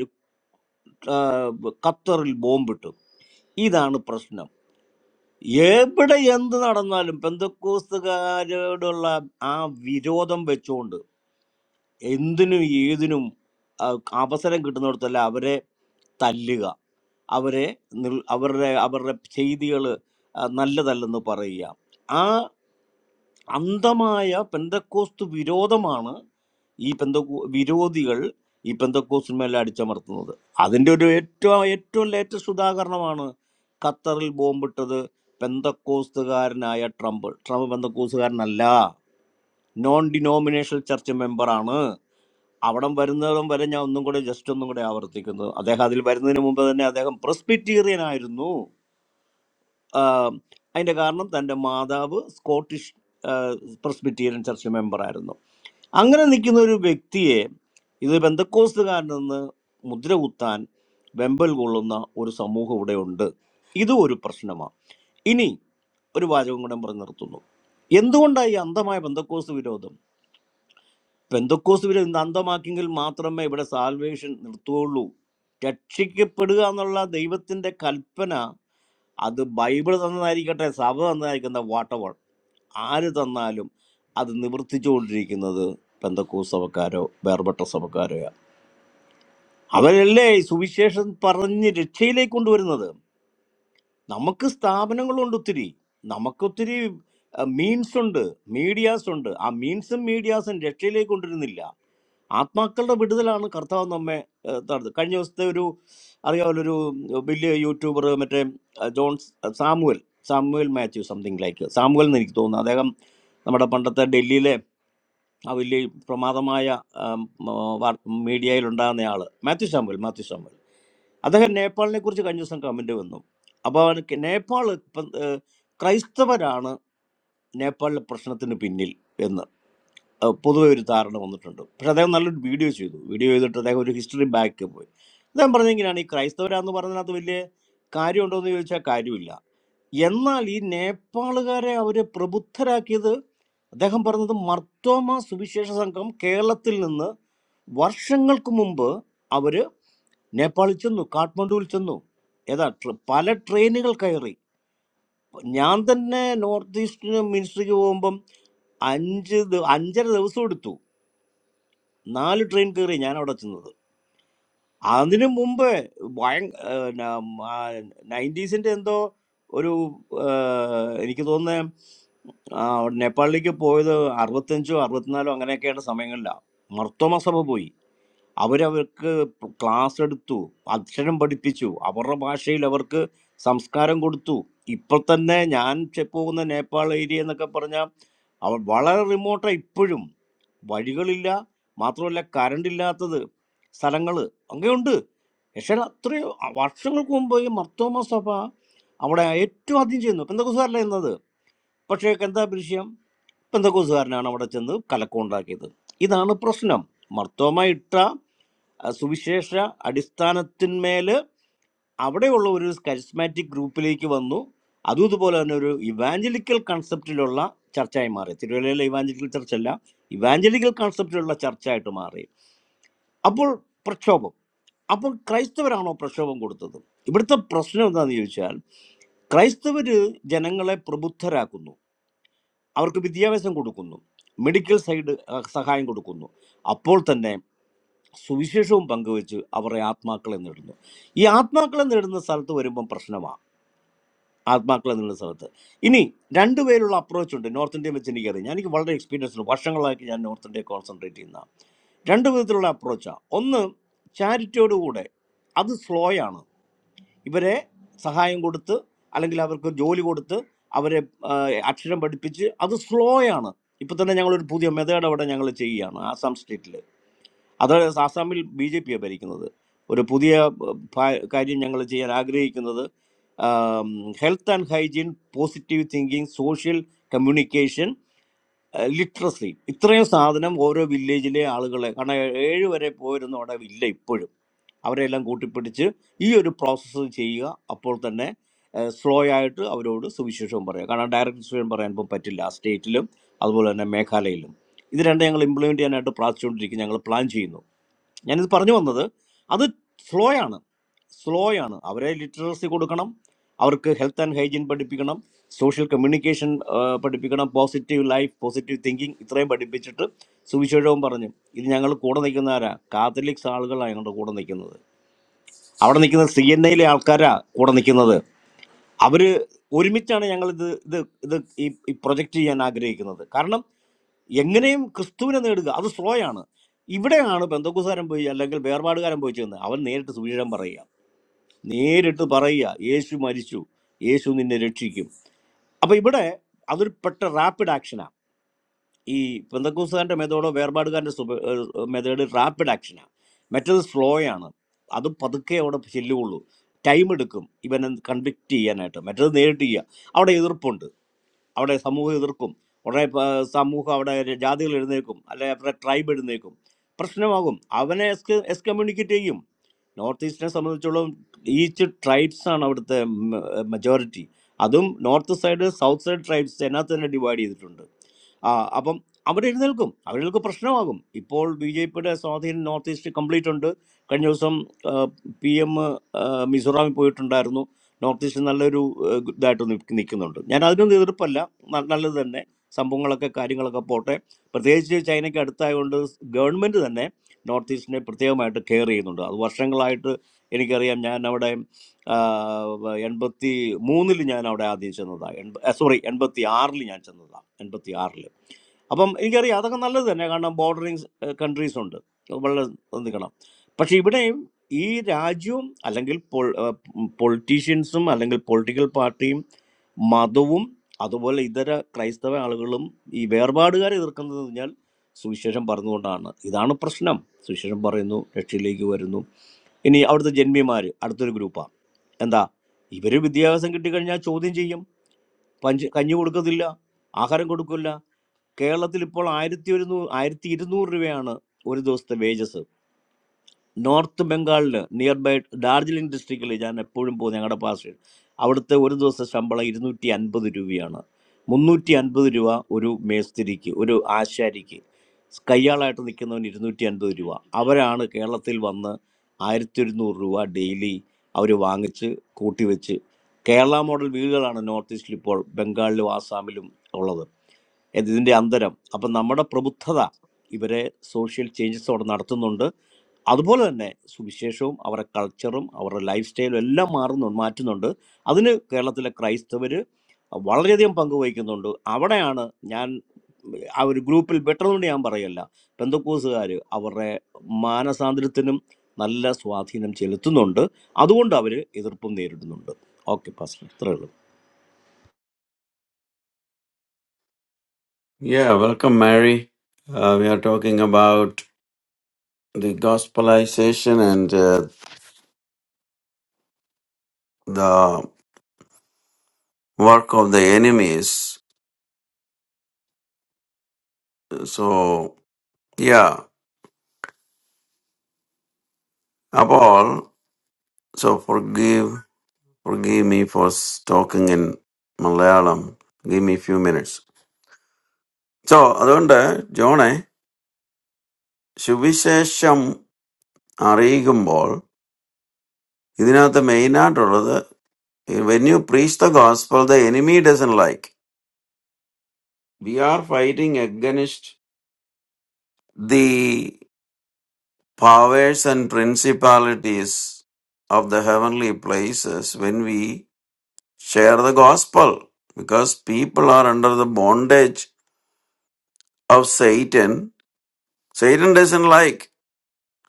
ഖത്തറിൽ ബോംബിട്ടു ഇതാണ് പ്രശ്നം എവിടെ എന്ത് നടന്നാലും പെന്തക്കോസ്തുകാരോടുള്ള ആ വിരോധം വെച്ചുകൊണ്ട് എന്തിനും ഏതിനും ആ, അവസരം കിട്ടുന്നിടത്തല്ല അവരെ തല്ലുക അവരെ നിൽ- അവരുടെ അവരുടെ ചെയ്തികൾ നല്ലതല്ലെന്ന് പറയുക ആ അന്ധമായ പെന്തക്കോസ്തു വിരോധമാണ് ഈ പെന്തക്കോ വിരോധികൾ ഈ പെന്തക്കോസ്റ്റിന്മേൽ അടിച്ചമർത്തുന്നത് അതിൻ്റെ ഒരു ഏറ്റവും ഏറ്റവും ലേറ്റസ്റ്റ് ഉദാഹരണമാണ് ഖത്തറിൽ ബോംബിട്ടത് പെന്തക്കോസ്തുകാരനായ ട്രംപ് ട്രംപ് പെന്തക്കോസ്തുകാരനല്ല നോൺ ഡിനോമിനേഷണൽ ചർച്ച് മെമ്പറാണ് അവിടം വരുന്നതും വരെ ഞാൻ ഒന്നും കൂടെ ജസ്റ്റ് ഒന്നും കൂടെ ആവർത്തിക്കുന്നു അദ്ദേഹം അതിൽ വരുന്നതിന് മുമ്പ് തന്നെ അദ്ദേഹം പ്രസ്ബിറ്റീറിയൻ ആയിരുന്നു ആഹ് അതിന്റെ കാരണം തൻ്റെ മാതാവ് സ്കോട്ടിഷ് പ്രസ്ബിറ്റീരിയൻ ചർച്ച് മെമ്പർ ആയിരുന്നു അങ്ങനെ നിൽക്കുന്ന ഒരു വ്യക്തിയെ ഇത് ബന്ധക്കോസ്തുകാരനെന്ന് മുദ്ര കുത്താൻ വെമ്പൽ കൊള്ളുന്ന ഒരു സമൂഹം ഇവിടെ ഉണ്ട് ഇതും ഒരു പ്രശ്നമാണ് ഇനി ഒരു വാചകം കൂടെ പറഞ്ഞ് നിർത്തുന്നു എന്തുകൊണ്ടാണ് ഈ അന്ധമായ ബന്ധക്കോസ് വിരോധം പെന്തക്കോസ് ഇവരെ ഇന്ന് അന്തമാക്കിയെങ്കിൽ മാത്രമേ ഇവിടെ സാൽവേഷൻ നിർത്തുകയുള്ളൂ രക്ഷിക്കപ്പെടുക എന്നുള്ള ദൈവത്തിൻ്റെ കൽപ്പന അത് ബൈബിൾ തന്നതായിരിക്കട്ടെ സഭ തന്നതായിരിക്കുന്ന വാട്ടവൾ ആര് തന്നാലും അത് നിവർത്തിച്ചുകൊണ്ടിരിക്കുന്നത് പെന്തക്കോസ് സഭക്കാരോ വേർപെട്ട സഭക്കാരോ അവരല്ലേ ഈ സുവിശേഷം പറഞ്ഞ് രക്ഷയിലേക്ക് കൊണ്ടുവരുന്നത് നമുക്ക് സ്ഥാപനങ്ങളുണ്ട് ഒത്തിരി നമുക്കൊത്തിരി മീൻസ് ഉണ്ട് മീഡിയാസ് ഉണ്ട് ആ മീൻസും മീഡിയാസും രക്ഷയിലേക്ക് കൊണ്ടുവരുന്നില്ല ആത്മാക്കളുടെ വിടുതലാണ് കർത്താവ് നമ്മെ ഏഹ്, നടത്തുന്നത് കഴിഞ്ഞ ദിവസത്തെ ഒരു അറിയാമല്ലോ ഒരു വലിയ യൂട്യൂബർ മറ്റേ ah, John Samuel Samuel Mathew something like Samuel എന്ന് എനിക്ക് തോന്നുന്നു അദ്ദേഹം നമ്മുടെ പണ്ടത്തെ ഡൽഹിയിലെ ആ വലിയ പ്രമാദമായ ആം, ആ, വാർ- മീഡിയയിലുണ്ടാകുന്ന ആള് മാത്യു സാമുവൽ മാത്യു സാമുവൽ അദ്ദേഹം നേപ്പാളിനെ കുറിച്ച് കഴിഞ്ഞ ദിവസം കമന്റ് വന്നു അപ്പോൾ അവർക്ക് നേപ്പാൾ ഇപ്പം ഏഹ്, ക്രൈസ്തവരാണ് നേപ്പാളിലെ പ്രശ്നത്തിന് പിന്നിൽ എന്ന് അഹ് പൊതുവെ ഒരു ധാരണ വന്നിട്ടുണ്ട് പക്ഷെ അദ്ദേഹം നല്ലൊരു വീഡിയോ ചെയ്തു വീഡിയോ ചെയ്തിട്ട് അദ്ദേഹം ഒരു ഹിസ്റ്ററി ബാക്ക് പോയി അദ്ദേഹം പറഞ്ഞെങ്കിലാണ് ഈ ക്രൈസ്തവരാന്ന് പറഞ്ഞതിനകത്ത് വലിയ കാര്യമുണ്ടോ എന്ന് ചോദിച്ചാൽ കാര്യമില്ല എന്നാൽ ഈ നേപ്പാളുകാരെ അവരെ പ്രബുദ്ധരാക്കിയത് അദ്ദേഹം പറഞ്ഞത് മർത്തോമ സുവിശേഷ സംഘം കേരളത്തിൽ നിന്ന് വർഷങ്ങൾക്ക് മുമ്പ് അവര് നേപ്പാളിൽ ചെന്നു കാഠ്മണ്ഡുവിൽ ചെന്നു ഏതാ ട്ര- പല ട്രെയിനുകൾ കയറി ഞാൻ തന്നെ നോർത്ത് ഈസ്റ്റിന് മിനിസ്ട്രിക്ക് പോകുമ്പം അഞ്ച് ദി- അഞ്ചര ദിവസം എടുത്തു നാല് ട്രെയിൻ കയറി ഞാൻ അവിടെ ചെന്നത് അതിനു മുമ്പ് ഭയ നയൻറ്റീസിൻ്റെ എന്തോ ഒരു ആ, എനിക്ക് തോന്നുന്നത് നേപ്പാളിലേക്ക് പോയത് അറുപത്തഞ്ചോ അറുപത്തിനാലോ അങ്ങനെയൊക്കെയുള്ള സമയങ്ങളിലാണ് മർത്തോമ സഭ പോയി അവരവർക്ക് ക്ലാസ് എടുത്തു അക്ഷരം പഠിപ്പിച്ചു അവരുടെ ഭാഷയിൽ അവർക്ക് സംസ്കാരം കൊടുത്തു ഇപ്പോൾ തന്നെ ഞാൻ ചെ- പോകുന്ന നേപ്പാൾ ഏരിയ എന്നൊക്കെ പറഞ്ഞാൽ അവ വളരെ റിമോട്ടാണ് ഇപ്പോഴും വഴികളില്ല മാത്രമല്ല കറണ്ട് ഇല്ലാത്തത് സ്ഥലങ്ങൾ അങ്ങനെയുണ്ട് പക്ഷേ അത്രയും വർഷങ്ങൾക്ക് മുമ്പ് ഈ മർത്തോമ സഭ അവിടെ ഏറ്റവും ആദ്യം ചെയ്യുന്നു പെന്തക്കോസുകാരല്ല എന്നത് പക്ഷേ എന്താ വിഷയം പെന്തക്കോസുകാരനാണ് അവിടെ ചെന്ന് കലക്കമുണ്ടാക്കിയത് ഇതാണ് പ്രശ്നം മർത്തോമ ഇട്ട ആ, സുവിശേഷ അടിസ്ഥാനത്തിന്മേല് അവിടെയുള്ള ഒരു കരിസ്മാറ്റിക് ഗ്രൂപ്പിലേക്ക് വന്നു അതും ഇതുപോലെ തന്നെ ഒരു ഇവാഞ്ചലിക്കൽ കൺസെപ്റ്റിലുള്ള ചർച്ചയായി മാറി തിരുവല്ലയിലെ ഇവാഞ്ചലിക്കൽ ചർച്ചല്ല ഇവാഞ്ചലിക്കൽ കൺസെപ്റ്റിലുള്ള ചർച്ചയായിട്ട് മാറി അപ്പോൾ പ്രക്ഷോഭം അപ്പം ക്രൈസ്തവരാണോ പ്രക്ഷോഭം കൊടുത്തത് ഇവിടുത്തെ പ്രശ്നം എന്താണെന്ന് ചോദിച്ചാൽ ക്രൈസ്തവര് ജനങ്ങളെ പ്രബുദ്ധരാക്കുന്നു അവർക്ക് വിദ്യാഭ്യാസം കൊടുക്കുന്നു മെഡിക്കൽ സൈഡ് അഹ്, സഹായം കൊടുക്കുന്നു അപ്പോൾ തന്നെ സുവിശേഷവും പങ്കുവെച്ച് അവരെ ആത്മാക്കളെ നേടുന്നു ഈ ആത്മാക്കളെ നേടുന്ന സ്ഥലത്ത് വരുമ്പം പ്രശ്നമാണ് ആത്മാക്കളെ നേടുന്ന സ്ഥലത്ത് ഇനി രണ്ട് പേരുള്ള അപ്രോച്ച് ഉണ്ട് നോർത്ത് ഇന്ത്യയെ വെച്ച് എനിക്കറിയാം ഞാൻ എനിക്ക് വളരെ എക്സ്പീരിയൻസ് ഉണ്ട് വർഷങ്ങളായിട്ട് ഞാൻ നോർത്ത് ഇന്ത്യയെ കോൺസെൻട്രേറ്റ് ചെയ്യുന്ന രണ്ട് വിധത്തിലുള്ള അപ്രോച്ചാണ് ഒന്ന് ചാരിറ്റിയോടുകൂടെ അത് സ്ലോയാണ് ഇവരെ സഹായം കൊടുത്ത് അല്ലെങ്കിൽ അവർക്ക് ജോലി കൊടുത്ത് അവരെ ആ, അക്ഷരം പഠിപ്പിച്ച് അത് സ്ലോ ആണ് ഇപ്പം തന്നെ ഞങ്ങളൊരു പുതിയ മെത്തേഡ് അവിടെ ഞങ്ങൾ ചെയ്യുകയാണ് ആസാം സ്റ്റേറ്റിൽ അത് ആസാമിൽ ബി ജെ പിയാണ് ഭരിക്കുന്നത് ഒരു പുതിയ ആ, ഭാ- കാര്യം ഞങ്ങൾ ചെയ്യാൻ ആഗ്രഹിക്കുന്നത് health and hygiene positive thinking social communication literacy ഇത്രയും സാധനം ഓരോ വില്ലേജിലെ ആളുകളെ കാരണം ഏഴ് വരെ പോയിരുന്ന അവിടെ ഇല്ല ഇപ്പോഴും അവരെല്ലാം കൂട്ടിപ്പിടിച്ച് ഈ ഒരു പ്രോസസ്സ് ചെയ്യുക അപ്പോൾ തന്നെ സ്ലോ ആയിട്ട് അവരോട് സുവിശേഷവും പറയുക കാരണം ഡയറക്റ്റ് സുവിശേഷം പറയാൻ ഇപ്പം പറ്റില്ല ആ സ്റ്റേറ്റിലും അതുപോലെ തന്നെ മേഘാലയയിലും ഇത് രണ്ടും ഞങ്ങൾ ഇംപ്ലിമെൻ്റ് ചെയ്യാനായിട്ട് പ്രാർത്ഥിച്ചുകൊണ്ടിരിക്കും ഞങ്ങൾ പ്ലാൻ ചെയ്യുന്നു ഞാനിത് പറഞ്ഞു വന്നത് അത് സ്ലോ ആണ് സ്ലോ ആണ് അവരെ ലിറ്ററസി കൊടുക്കണം അവർക്ക് ഹെൽത്ത് ആൻഡ് ഹൈജീൻ പഠിപ്പിക്കണം സോഷ്യൽ കമ്മ്യൂണിക്കേഷൻ പഠിപ്പിക്കണം പോസിറ്റീവ് ലൈഫ് പോസിറ്റീവ് തിങ്കിങ് ഇത്രയും പഠിപ്പിച്ചിട്ട് സുവിശേഷവും പറഞ്ഞു ഇത് ഞങ്ങൾ കൂടെ നിൽക്കുന്നവരാ കാത്തലിക്സ് ആളുകളാണ് ഞങ്ങളുടെ കൂടെ നിൽക്കുന്നത് അവിടെ നിൽക്കുന്ന സി എൻ ഐയിലെ ആൾക്കാരാ കൂടെ നിൽക്കുന്നത് അവര് ഒരുമിച്ചാണ് ഞങ്ങൾ ഇത് ഇത് ഇത് ഈ ഈ പ്രൊജക്റ്റ് ചെയ്യാൻ ആഗ്രഹിക്കുന്നത് കാരണം എങ്ങനെയും ക്രിസ്തുവിനെ നേടുക അത് സ്ലോ ആണ് ഇവിടെയാണ് ബന്ധക്കുസാരൻ പോയി അല്ലെങ്കിൽ വേർപാടുകാരൻ പോയി ചെന്ന് അവൻ നേരിട്ട് സുവിശേഷം പറയുക നേരിട്ട് പറയുക യേശു മരിച്ചു യേശു നിന്നെ രക്ഷിക്കും അപ്പൊ ഇവിടെ അതൊരു പെട്ട റാപ്പിഡ് ആക്ഷനാ ഈ പെന്തക്കൂസുകാരൻ്റെ മെതേഡോ വേർപാടുകാരൻ്റെ സുബ മെതേഡ് റാപ്പിഡ് ആക്ഷനാണ് മറ്റേത് സ്ലോ ആണ് അത് പതുക്കെ അവിടെ ചെല്ലുകയുള്ളൂ ടൈം എടുക്കും ഇവനെ കൺവിക്ട് ചെയ്യാനായിട്ട് മറ്റേത് നേരിട്ട് ചെയ്യുക അവിടെ എതിർപ്പുണ്ട് അവിടെ സമൂഹം എതിർക്കും ഉടനെ പ- സമൂഹം അവിടെ ജാതികൾ എഴുന്നേൽക്കും അല്ലെ അവരുടെ ട്രൈബ് എഴുന്നേൽക്കും പ്രശ്നമാകും അവനെ എസ് എക്സ്കമ്മ്യൂണിക്കേറ്റ് ചെയ്യും നോർത്ത് ഈസ്റ്റിനെ സംബന്ധിച്ചോളം ഈച്ച് ട്രൈബ്സ് ആണ് അവിടുത്തെ മെജോറിറ്റി അതും north side south side tribes അതിനകത്ത് തന്നെ ഡിവൈഡ് ചെയ്തിട്ടുണ്ട് ആ, അപ്പം അവിടെ എഴുന്നേൽക്കും അവർക്ക് പ്രശ്നമാകും ഇപ്പോൾ ബി ജെ പിയുടെ സ്വാധീനം നോർത്ത് ഈസ്റ്റ് കംപ്ലീറ്റ് ഉണ്ട് കഴിഞ്ഞ ദിവസം പി എം മിസോറാമിൽ പോയിട്ടുണ്ടായിരുന്നു നോർത്ത് ഈസ്റ്റ് നല്ലൊരു ആ, ഇതായിട്ട് നിൽക്കുന്നുണ്ട് ഞാൻ അതിനൊന്നും എതിർപ്പല്ല ന- നല്ലത് തന്നെ സംഭവങ്ങളൊക്കെ കാര്യങ്ങളൊക്കെ പോട്ടെ പ്രത്യേകിച്ച് ചൈനയ്ക്ക് അടുത്തായതുകൊണ്ട് ഗവൺമെൻറ് തന്നെ നോർത്ത് ഈസ്റ്റിനെ പ്രത്യേകമായിട്ട് കെയർ ചെയ്യുന്നുണ്ട് അത് വർഷങ്ങളായിട്ട് എനിക്കറിയാം ഞാൻ അവിടെ എൺപത്തി മൂന്നിൽ ഞാൻ അവിടെ ആദ്യം ചെന്നതാണ് എൺപ സോറി എൺപത്തി ആറിൽ ഞാൻ ചെന്നതാണ് എൺപത്തി ആറിൽ അപ്പം എനിക്കറിയാം അതൊക്കെ നല്ലത് തന്നെ കാരണം ബോർഡറിങ് കൺട്രീസ് ഉണ്ട് വളരെ നിൽക്കണം പക്ഷെ ഇവിടെയും ഈ രാജ്യവും അല്ലെങ്കിൽ പൊളിറ്റീഷ്യൻസും അല്ലെങ്കിൽ പൊളിറ്റിക്കൽ പാർട്ടിയും മതവും അതുപോലെ ഇതര ക്രൈസ്തവ ആളുകളും ഈ വേർപാടുകാരെ എതിർക്കുന്നത് എന്ന് പറഞ്ഞാൽ സുവിശേഷം പറഞ്ഞുകൊണ്ടാണ് ഇതാണ് പ്രശ്നം സുവിശേഷം പറയുന്നു രക്ഷയിലേക്ക് വരുന്നു ഇനി അവിടുത്തെ ജന്മിമാർ അടുത്തൊരു ഗ്രൂപ്പാണ് എന്താ ഇവർ വിദ്യാഭ്യാസം കിട്ടിക്കഴിഞ്ഞാൽ ചോദ്യം ചെയ്യും പഞ്ച് കഞ്ഞി കൊടുക്കത്തില്ല ആഹാരം കൊടുക്കില്ല കേരളത്തിൽ ഇപ്പോൾ ആയിരത്തി ഒരുന്നൂറ് ആയിരത്തി ഇരുന്നൂറ് രൂപയാണ് ഒരു ദിവസത്തെ വേജസ് നോർത്ത് ബംഗാളിൽ നിയർ ബൈ ഡാർജിലിംഗ് ഡിസ്ട്രിക്റ്റിൽ ഞാൻ എപ്പോഴും പോകും ഞങ്ങളുടെ പാസ് അവിടുത്തെ ഒരു ദിവസത്തെ ശമ്പളം ഇരുന്നൂറ്റി അൻപത് രൂപയാണ് മുന്നൂറ്റി അൻപത് രൂപ ഒരു മേസ്തിരിക്ക് ഒരു ആശാരിക്ക് കയ്യാളായിട്ട് നിൽക്കുന്നവന് ഇരുന്നൂറ്റി അൻപത് രൂപ അവരാണ് കേരളത്തിൽ വന്ന് ആയിരത്തി ഒരുന്നൂറ് രൂപ ഡെയിലി അവർ വാങ്ങിച്ച് കൂട്ടിവെച്ച് കേരള മോഡൽ വീടുകളാണ് നോർത്ത് ഈസ്റ്റിൽ ഇപ്പോൾ ബംഗാളിലും ആസാമിലും ഉള്ളത് ഇതിൻ്റെ അന്തരം അപ്പം നമ്മുടെ പ്രബുദ്ധത ഇവരെ സോഷ്യൽ ചേഞ്ചസ് അവിടെ നടത്തുന്നുണ്ട് അതുപോലെ തന്നെ സുവിശേഷവും അവരുടെ കൾച്ചറും അവരുടെ ലൈഫ് സ്റ്റൈലും എല്ലാം മാറുന്നു മാറ്റുന്നുണ്ട് അതിന് കേരളത്തിലെ ക്രൈസ്തവർ വളരെയധികം പങ്കുവഹിക്കുന്നുണ്ട് അവിടെയാണ് ഞാൻ ആ ഒരു ഗ്രൂപ്പിൽ പെട്ടതുകൊണ്ട് ഞാൻ പറയല്ല പെന്തക്കോസുകാർ അവരുടെ മാനസാന്തരത്തിനും നല്ല സ്വാധീനം ചെലുത്തുന്നുണ്ട് അതുകൊണ്ട് അവർ എതിർപ്പും നേരിടുന്നുണ്ട് ഓക്കെ പാസ്റ്റർ ഇത്രേ ഉള്ളൂ
Yeah, welcome, Mary. Uh, we are talking about the gospelization and uh, the work of the enemies. So, yeah, Abol, so forgive, forgive me for s- talking in Malayalam. Give me a few minutes. So, അതുകൊണ്ട് ജോണെ സുവിശേഷം അറിയിക്കുമ്പോൾ ഇതിനകത്ത് മെയിനായിട്ടുള്ളത് when you preach the gospel the enemy doesn't like we are fighting the powers and principalities of the heavenly places when we share the gospel because people are under the bondage of Satan. Satan doesn't like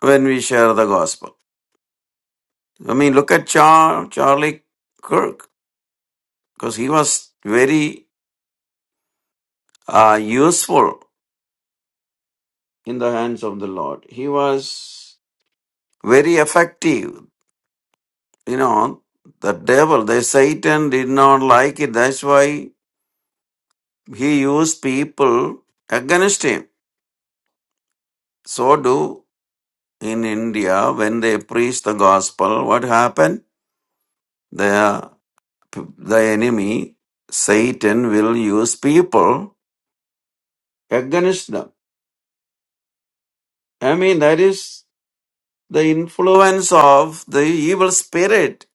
when we share the gospel. I mean, look at Char- Charlie Kirk because he was very uh, useful in the hands of the Lord. He was very effective. You know, the devil, the Satan did not like it. That's why He used people against him. So do in India when they preach the gospel, what happened? The, the enemy, Satan, will use people against them. I mean, that is the influence of the evil spirit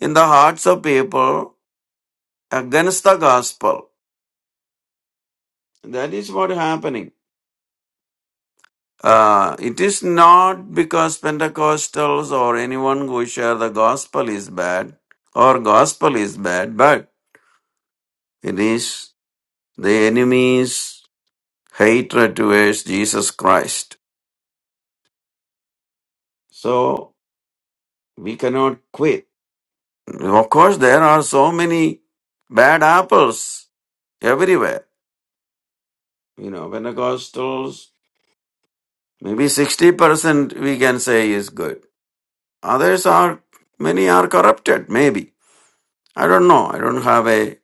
in the hearts of people against the gospel. That is what happening. Uh, it is not because Pentecostals or anyone who share the gospel is bad or gospel is bad, but it is the enemy's hatred towards Jesus Christ. So we cannot quit. Of course, there are so many bad apples everywhere. You know, Pentecostals, maybe 60% we can say is good. Others are, many are corrupted, maybe. I don't know. I don't have a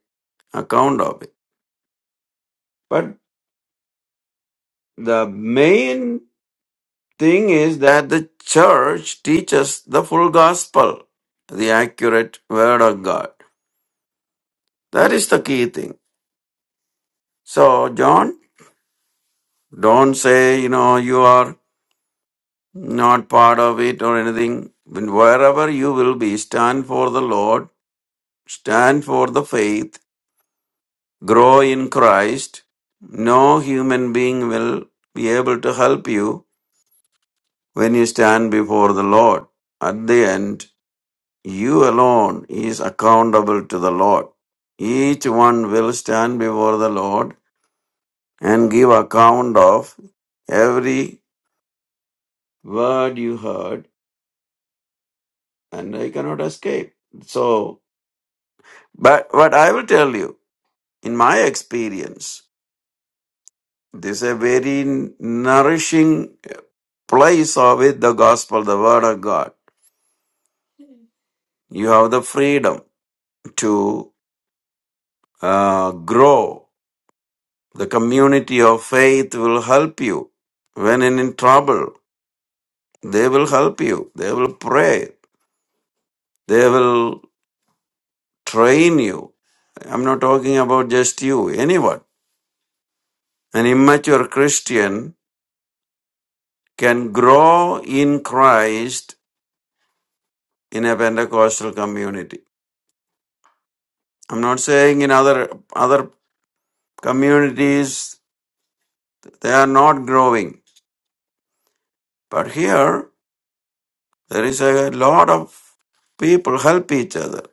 account of it. But the main thing is that the church teaches the full gospel, the accurate word of God. That is the key thing. So, John, don't say, you know, you are not part of it or anything. When wherever you will be, stand for the Lord, stand for the faith, grow in Christ. No human being will be able to help you when you stand before the Lord. At the end, You alone is accountable to the Lord. Each one will stand before the Lord and give account of every word you heard, and I cannot escape. So, but what I will tell you, in my experience, this is a very nourishing place of it, the gospel, the word of God. You have the freedom to uh, grow The community of faith will help you when in trouble. They will help you. They will pray. They will train you. I'm not talking about just you, anyone. An immature Christian can grow in Christ in a Pentecostal community. I'm not saying in other other communities they are not growing, but here there is a lot of people help each other.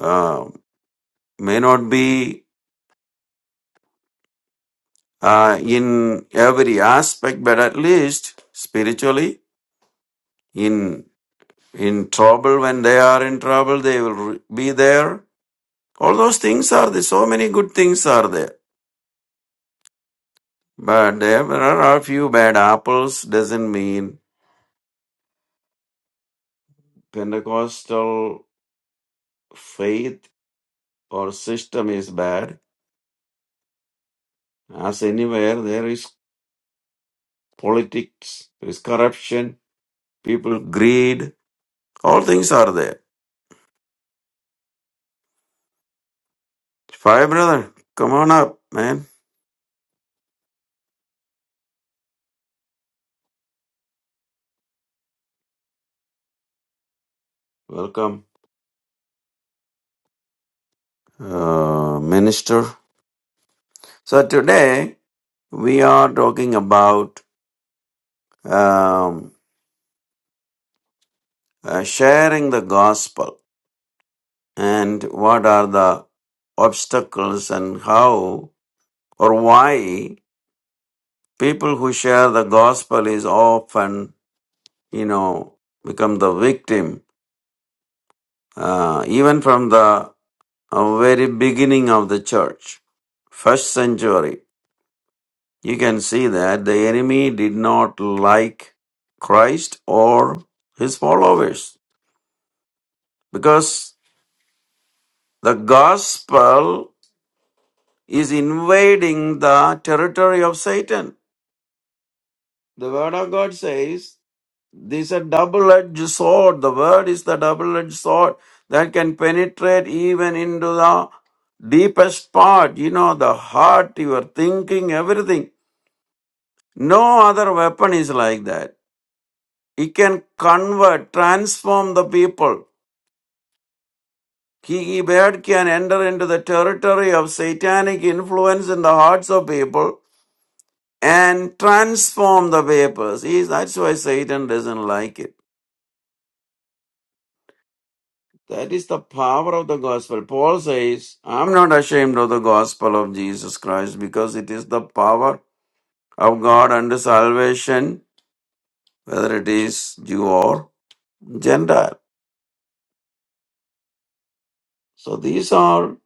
Uh, may not be uh, in every aspect, but at least spiritually, in in trouble when they are in trouble, they will re- be there. All those things are there. So many good things are there, but there are a few bad apples. Doesn't mean Pentecostal faith or system is bad. As anywhere, there is politics, there is corruption, people greed. All things are there. Fire brother, come on up, man. Welcome. uh, minister. So today we are talking about um, uh, sharing the gospel and what are the obstacles and how or why people who share the gospel is often you know become the victim uh, even from the uh, very beginning of the church first century You can see that the enemy did not like Christ or his followers because the gospel is invading the territory of Satan. The word of God says this is a double edged sword. The word is the double edged sword that can penetrate even into the deepest part, you know, the heart, your thinking, everything. No other weapon is like that. He can convert, transform the people. He Ibad can enter into the territory of satanic influence in the hearts of people and transform the vapors. He, that's why Satan doesn't like it. That is the power of the gospel. Paul says, I'm not ashamed of the gospel of Jesus Christ because it is the power of God unto salvation, whether it is Jew or Gentile. So these are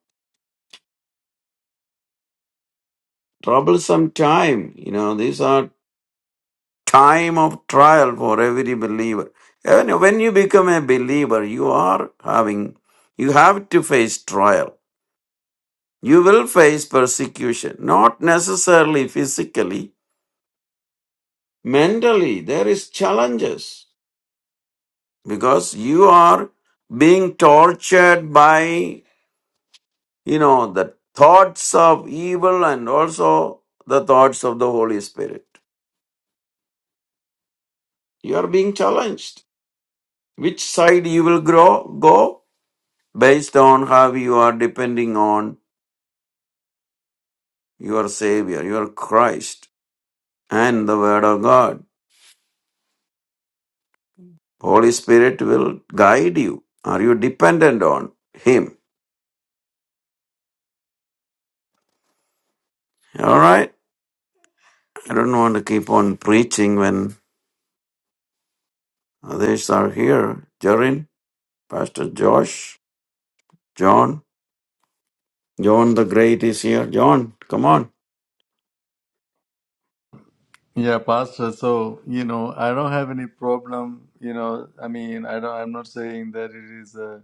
troublesome time. You know, these are time of trial for every believer. And when you become a believer, you are having, you have to face trial. You will face persecution, not necessarily physically, mentally. There is challenges because you are being tortured by, you know, the thoughts of evil and also the thoughts of the Holy Spirit. You are being challenged. Which side you will grow, go? based on how you are depending on your Savior, your Christ, and the Word of God. Holy Spirit will guide you. Are you dependent on Him? All right. I don't want to keep on preaching when others are here. Jorin, Pastor Josh, John, John the Great is here. John, come on.
Yeah, Pastor. So, you know, I don't have any problem. You know, I mean, I don't, I'm not saying that it is uh,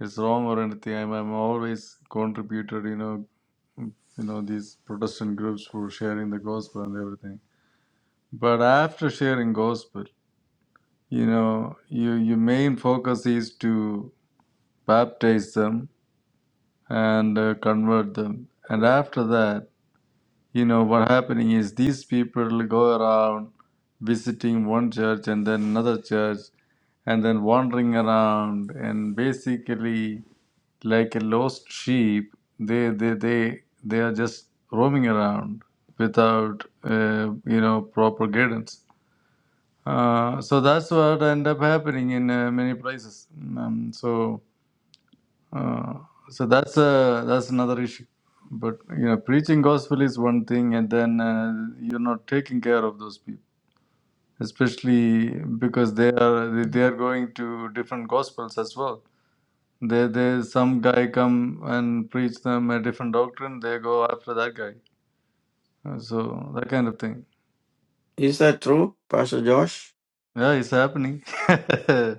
it's wrong or anything. I'm, I'm always contributed, you know, you know, these Protestant groups sharing the gospel and everything. But after sharing gospel, you know, you, your main focus is to baptize them and uh, convert them. And after that, you know what happening is these people go around visiting one church and then another church and then wandering around and basically like a lost sheep they they they, they are just roaming around without uh, you know proper guidance uh, so that's what end up happening in uh, many places um, so uh, so that's a that's another issue. But you know, preaching gospel is one thing, and then uh, you're not taking care of those people, especially because they are they are going to different gospels as well. There, there, some guy come and preach them a different doctrine. They go after that guy. Uh, So that kind of thing.
Is that true, Pastor Josh?
Yeah, it's happening.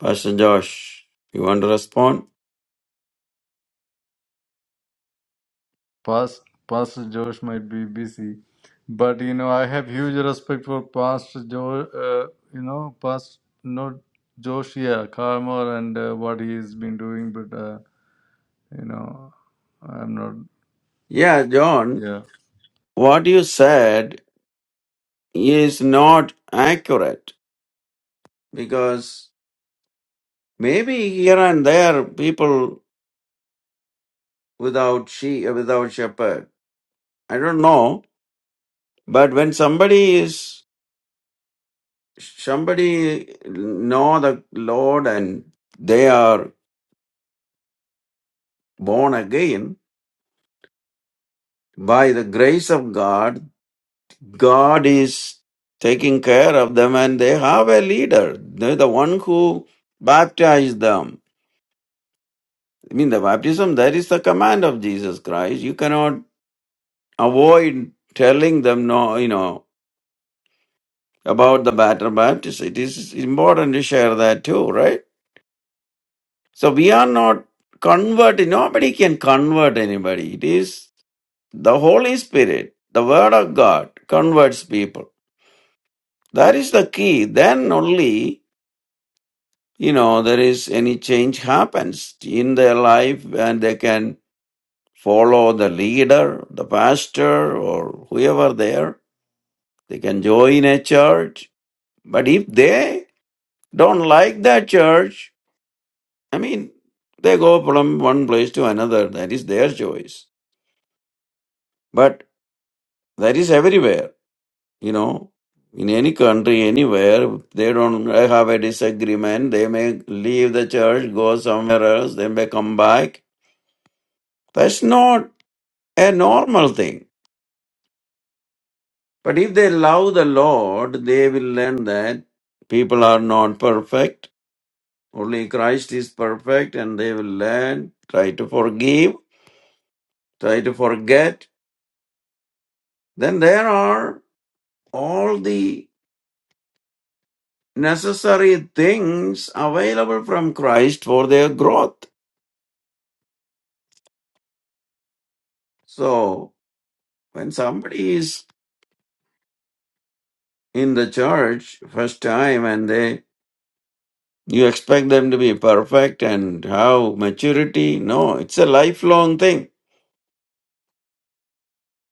Pastor Josh, you want to respond?
Past, Pastor Josh might be busy, but you know I have huge respect for Pastor Josh. Uh, you know, Past not Josh, yeah, Carmel and uh, what he's been doing. But uh, you know, I'm not.
Yeah, John,
Yeah,
what you said is not accurate because maybe here and there people without she without shepherd i don't know but when somebody is somebody know the lord and they are born again by the grace of god god is taking care of them and they have a leader they're the one who baptized them i mean the baptism that is the command of jesus christ you cannot avoid telling them no you know about the batter baptism it is important to share that too right so we are not converted nobody can convert anybody it is the holy spirit the word of god converts people that is the key then only you know there is any change happens in their life and they can follow the leader the pastor or whoever there they can join a church but if they don't like that church. I mean, they go from one place to another. That is their choice. But that is everywhere, you know. In any country, anywhere, if they don't have a disagreement. They may leave the church, go somewhere else, they may come back. That's not a normal thing. But if they love the Lord, they will learn that people are not perfect. Only Christ is perfect, and they will learn, try to forgive, try to forget, then there are all the necessary things available from Christ for their growth. So when somebody is in the church first time and they you expect them to be perfect and have maturity no it's a lifelong thing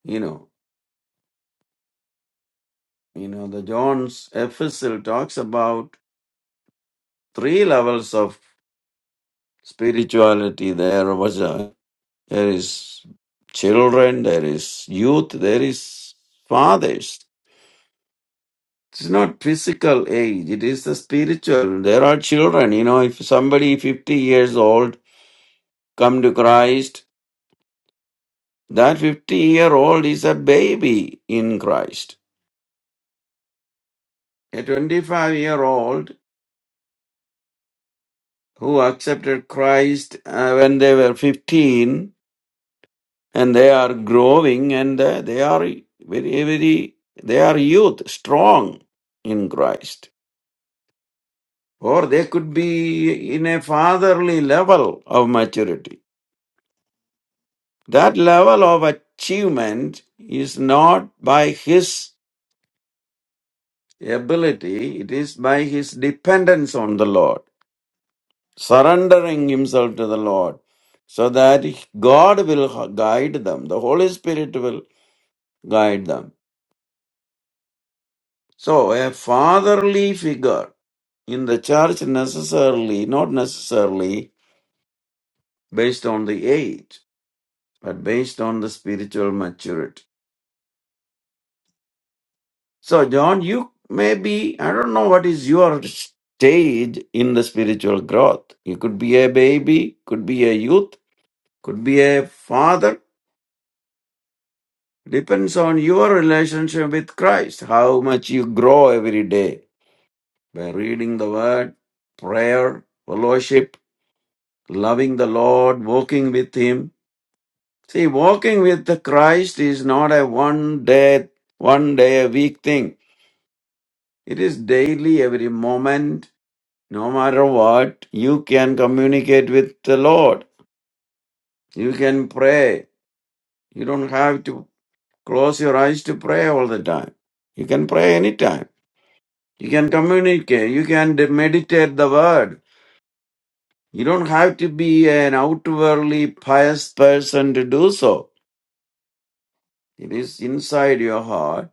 you know you know the john's epistle talks about three levels of spirituality there was a. there is children, there is youth, there is fathers. It's not physical age, it is the spiritual. There are children, you know, if somebody 50 years old come to Christ, that 50 year old is a baby in Christ. A 25 year old who accepted Christ uh, when they were 15 and they are growing and uh, they are very, very, they are youth, strong in Christ or they could be in a fatherly level of maturity. That level of achievement is not by his ability, it is by his dependence on the Lord, surrendering himself to the Lord, so that God will guide them, the Holy Spirit will guide them. So, a fatherly figure in the church necessarily, not necessarily based on the age. but based on the spiritual maturity. So, John, you may be, I don't know what is your stage in the spiritual growth. You could be a baby, could be a youth, could be a father. Depends on your relationship with Christ, how much you grow every day by reading the word, prayer, fellowship, loving the Lord, walking with Him. See, walking with the Christ is not a one day, one day a week thing. It is daily, every moment, no matter what, you can communicate with the Lord. You can pray. You don't have to close your eyes to pray all the time. You can pray anytime. You can communicate. You can de- meditate the word. You don't have to be an outwardly pious person to do so. It is inside your heart.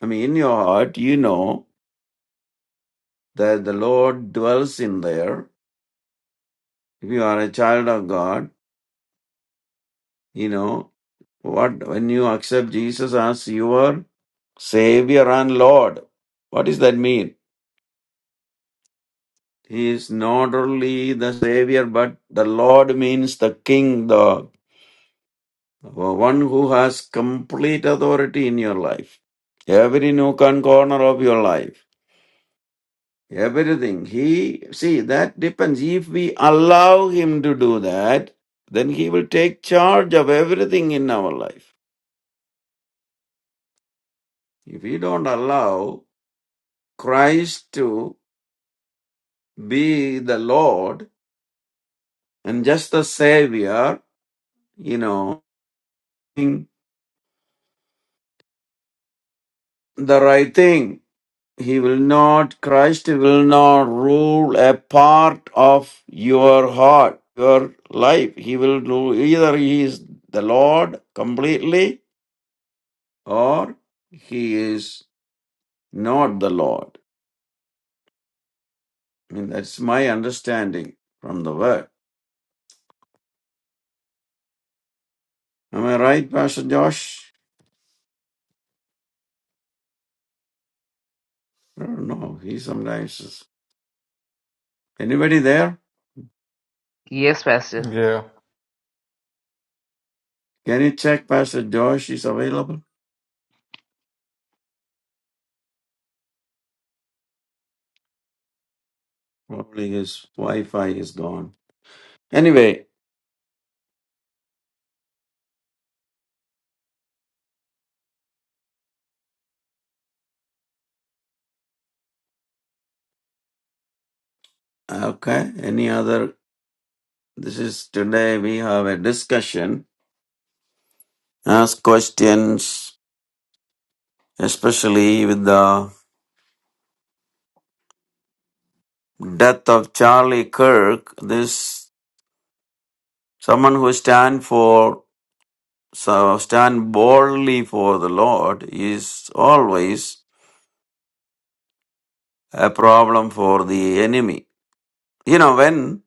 I mean, in your heart, you know that the Lord dwells in there. If you are a child of God, you know What when you accept Jesus as your Savior and Lord, what does that mean? He is not only the Savior, but the Lord means the King, the one who has complete authority in your life. Every nook and corner of your life. Everything. He see that depends. If we allow him to do that, then he will take charge of everything in our life. If we don't allow Christ to be the Lord and just the Savior, you know, doing the right thing. He will not, Christ will not rule a part of your heart, your life. He will do either He is the Lord completely or He is not the Lord. I mean, that's my understanding from the word. Am I right, Pastor Josh? I don't know. He sometimes is. Anybody there?
Yes, Pastor.
yeah.
Can you check Pastor Josh is available? Probably his Wi-Fi is gone. Anyway, okay. Any other? This is today we have a discussion, ask questions, especially with the death of Charlie Kirk. This someone who stand for so stand boldly for the Lord is always a problem for the enemy. You know when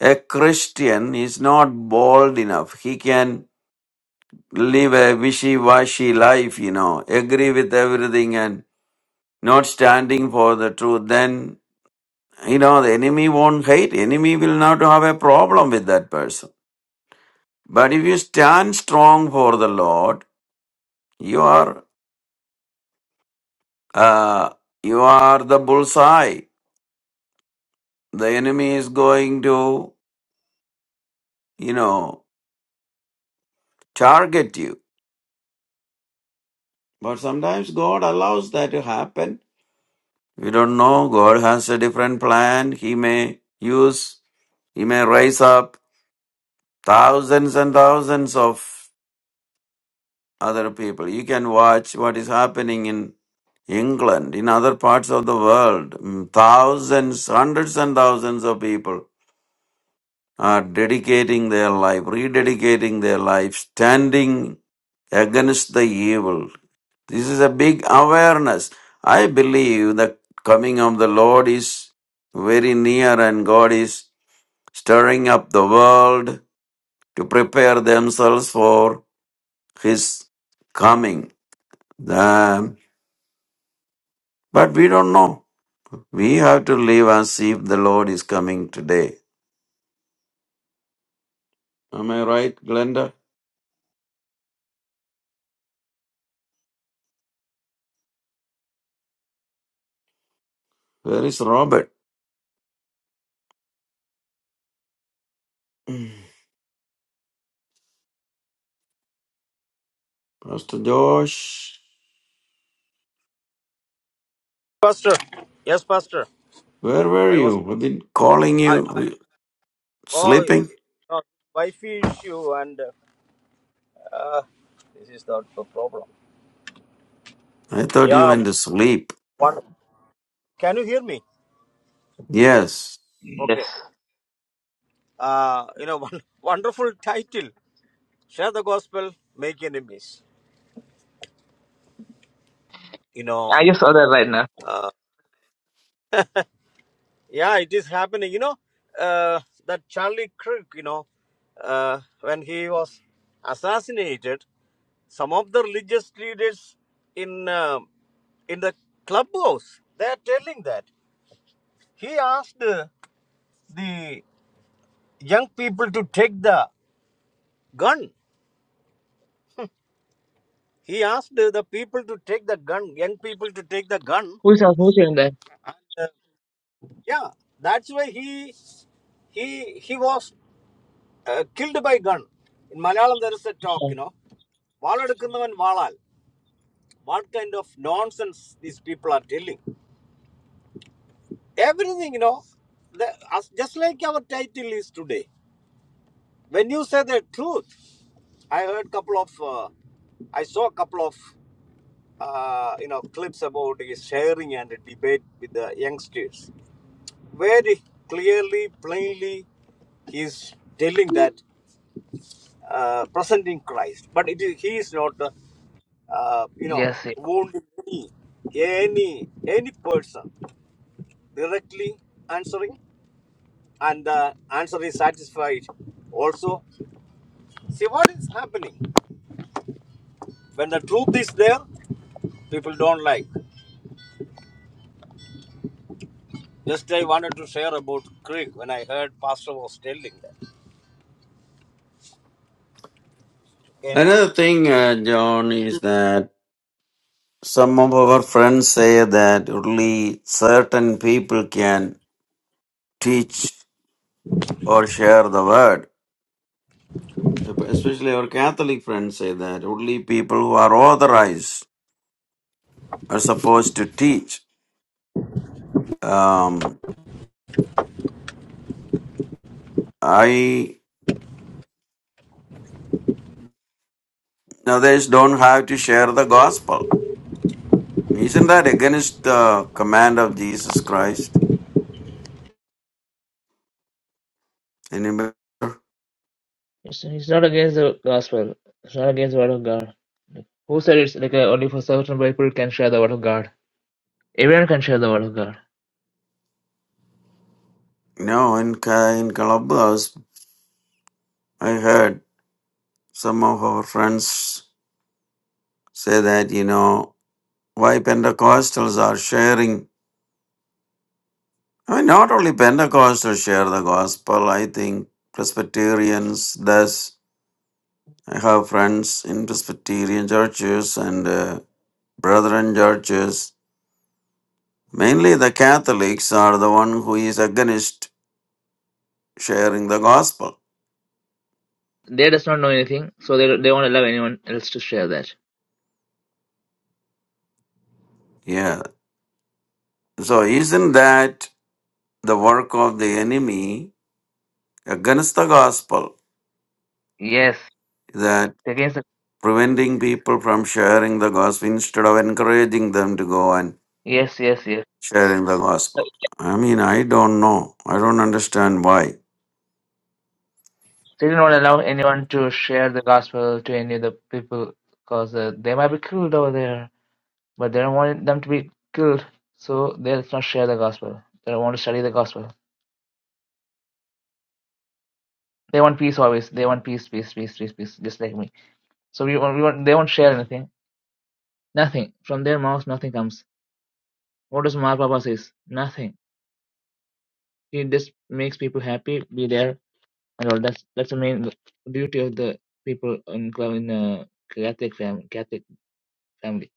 a Christian is not bold enough. He can live a wishy-washy life, you know, agree with everything and not standing for the truth, then, you know, the enemy won't hate. Enemy will not have a problem with that person. But if you stand strong for the Lord, you are, uh, you are the bullseye. The enemy is going to, you know, target you. But sometimes God allows that to happen. We don't know. God has a different plan. He may use, he may rise up thousands and thousands of other people. You can watch what is happening in England, in other parts of the world. Mm, Thousands, hundreds and thousands of people are dedicating their life, rededicating their life, standing against the evil. This is a big awareness. I believe the coming of the Lord is very near and God is stirring up the world to prepare themselves for His coming. The, but we don't know. We have to live as if the Lord is coming today. Am I right, Glenda? Where is Robert? Pastor Josh,
Pastor, yes, Pastor.
where were
I was.
you? I've been calling
I,
you. Are you
Oh,
Sleeping?
no, wife issue and uh, this is not the problem.
I thought you
Yeah,
went to sleep.
one, can you hear me?
Yes.
Yes.
Okay. Uh, you know, one wonderful title. Share the gospel, make enemies. You know,
I just saw that right now.
yeah, it is happening. You know, uh, that Charlie Kirk, you know, uh, when he was assassinated, some of the religious leaders in um in the clubhouse they are telling that he asked the young people to take the gun. He asked the people to take the gun, young people to take the gun.
Who is opposing that?
Uh, yeah, that's why he he he was uh, killed by gun. In Malayalam, there is a talk,
Uh,
you know, വാളെടുക്കുന്നവൻ valal. What kind of nonsense these people are telling? Everything, you know, the, as, just like our title is today. When you say the truth, I heard couple of, uh, I saw a couple of uh, you know clips about his sharing and debate with the youngsters. Very clearly, plainly, he is telling that uh, presenting Christ, but it is, he is not, uh, uh, you know,
Yes. yes.
wounding any any any person directly answering, and the answer is satisfied. Also, see what is happening when the truth is there, people don't like. Just I wanted to share about Greek when I heard Pastor was telling that. Okay.
Another thing, uh, John, is that some of our friends say that only certain people can teach or share the word. Especially our Catholic friends say that only people who are authorized are supposed to teach. Um, I others don't have to share the gospel. Isn't that against the command of Jesus Christ? Anybody?
It's, it's not against the gospel. It's not against the word of God. Who said it's like uh, only for certain people can share the word of God? Everyone can share the word of God.
No, in Ca- in Columbus, I heard some of our friends say that you know why Pentecostals are sharing. I mean, not only Pentecostals share the gospel. I think Presbyterians does I have friends in Presbyterian churches and uh, Brethren churches. Mainly the Catholics are the one who is against sharing the gospel.
They does not know anything, so they they won't allow anyone else to share that.
Yeah. So isn't that the work of the enemy against the gospel
Yes,
that
it's against the,
preventing people from sharing the gospel instead of encouraging them to go and
yes, yes, yes.
sharing the gospel? I mean, I don't know. I don't understand why.
They do not allow anyone to share the gospel to any of the people because uh, they might be killed over there. But they don't want them to be killed, so they'll not share the gospel. They don't want to study the gospel. They want peace always. They want peace, peace, peace, peace, peace, just like me. So we want, we want they won't share anything. Nothing. From their mouth. nothing comes. What does Mar Papa says? Nothing. He just makes people happy, be there and all that's that's the main duty of the people in in uh, Catholic family Catholic family.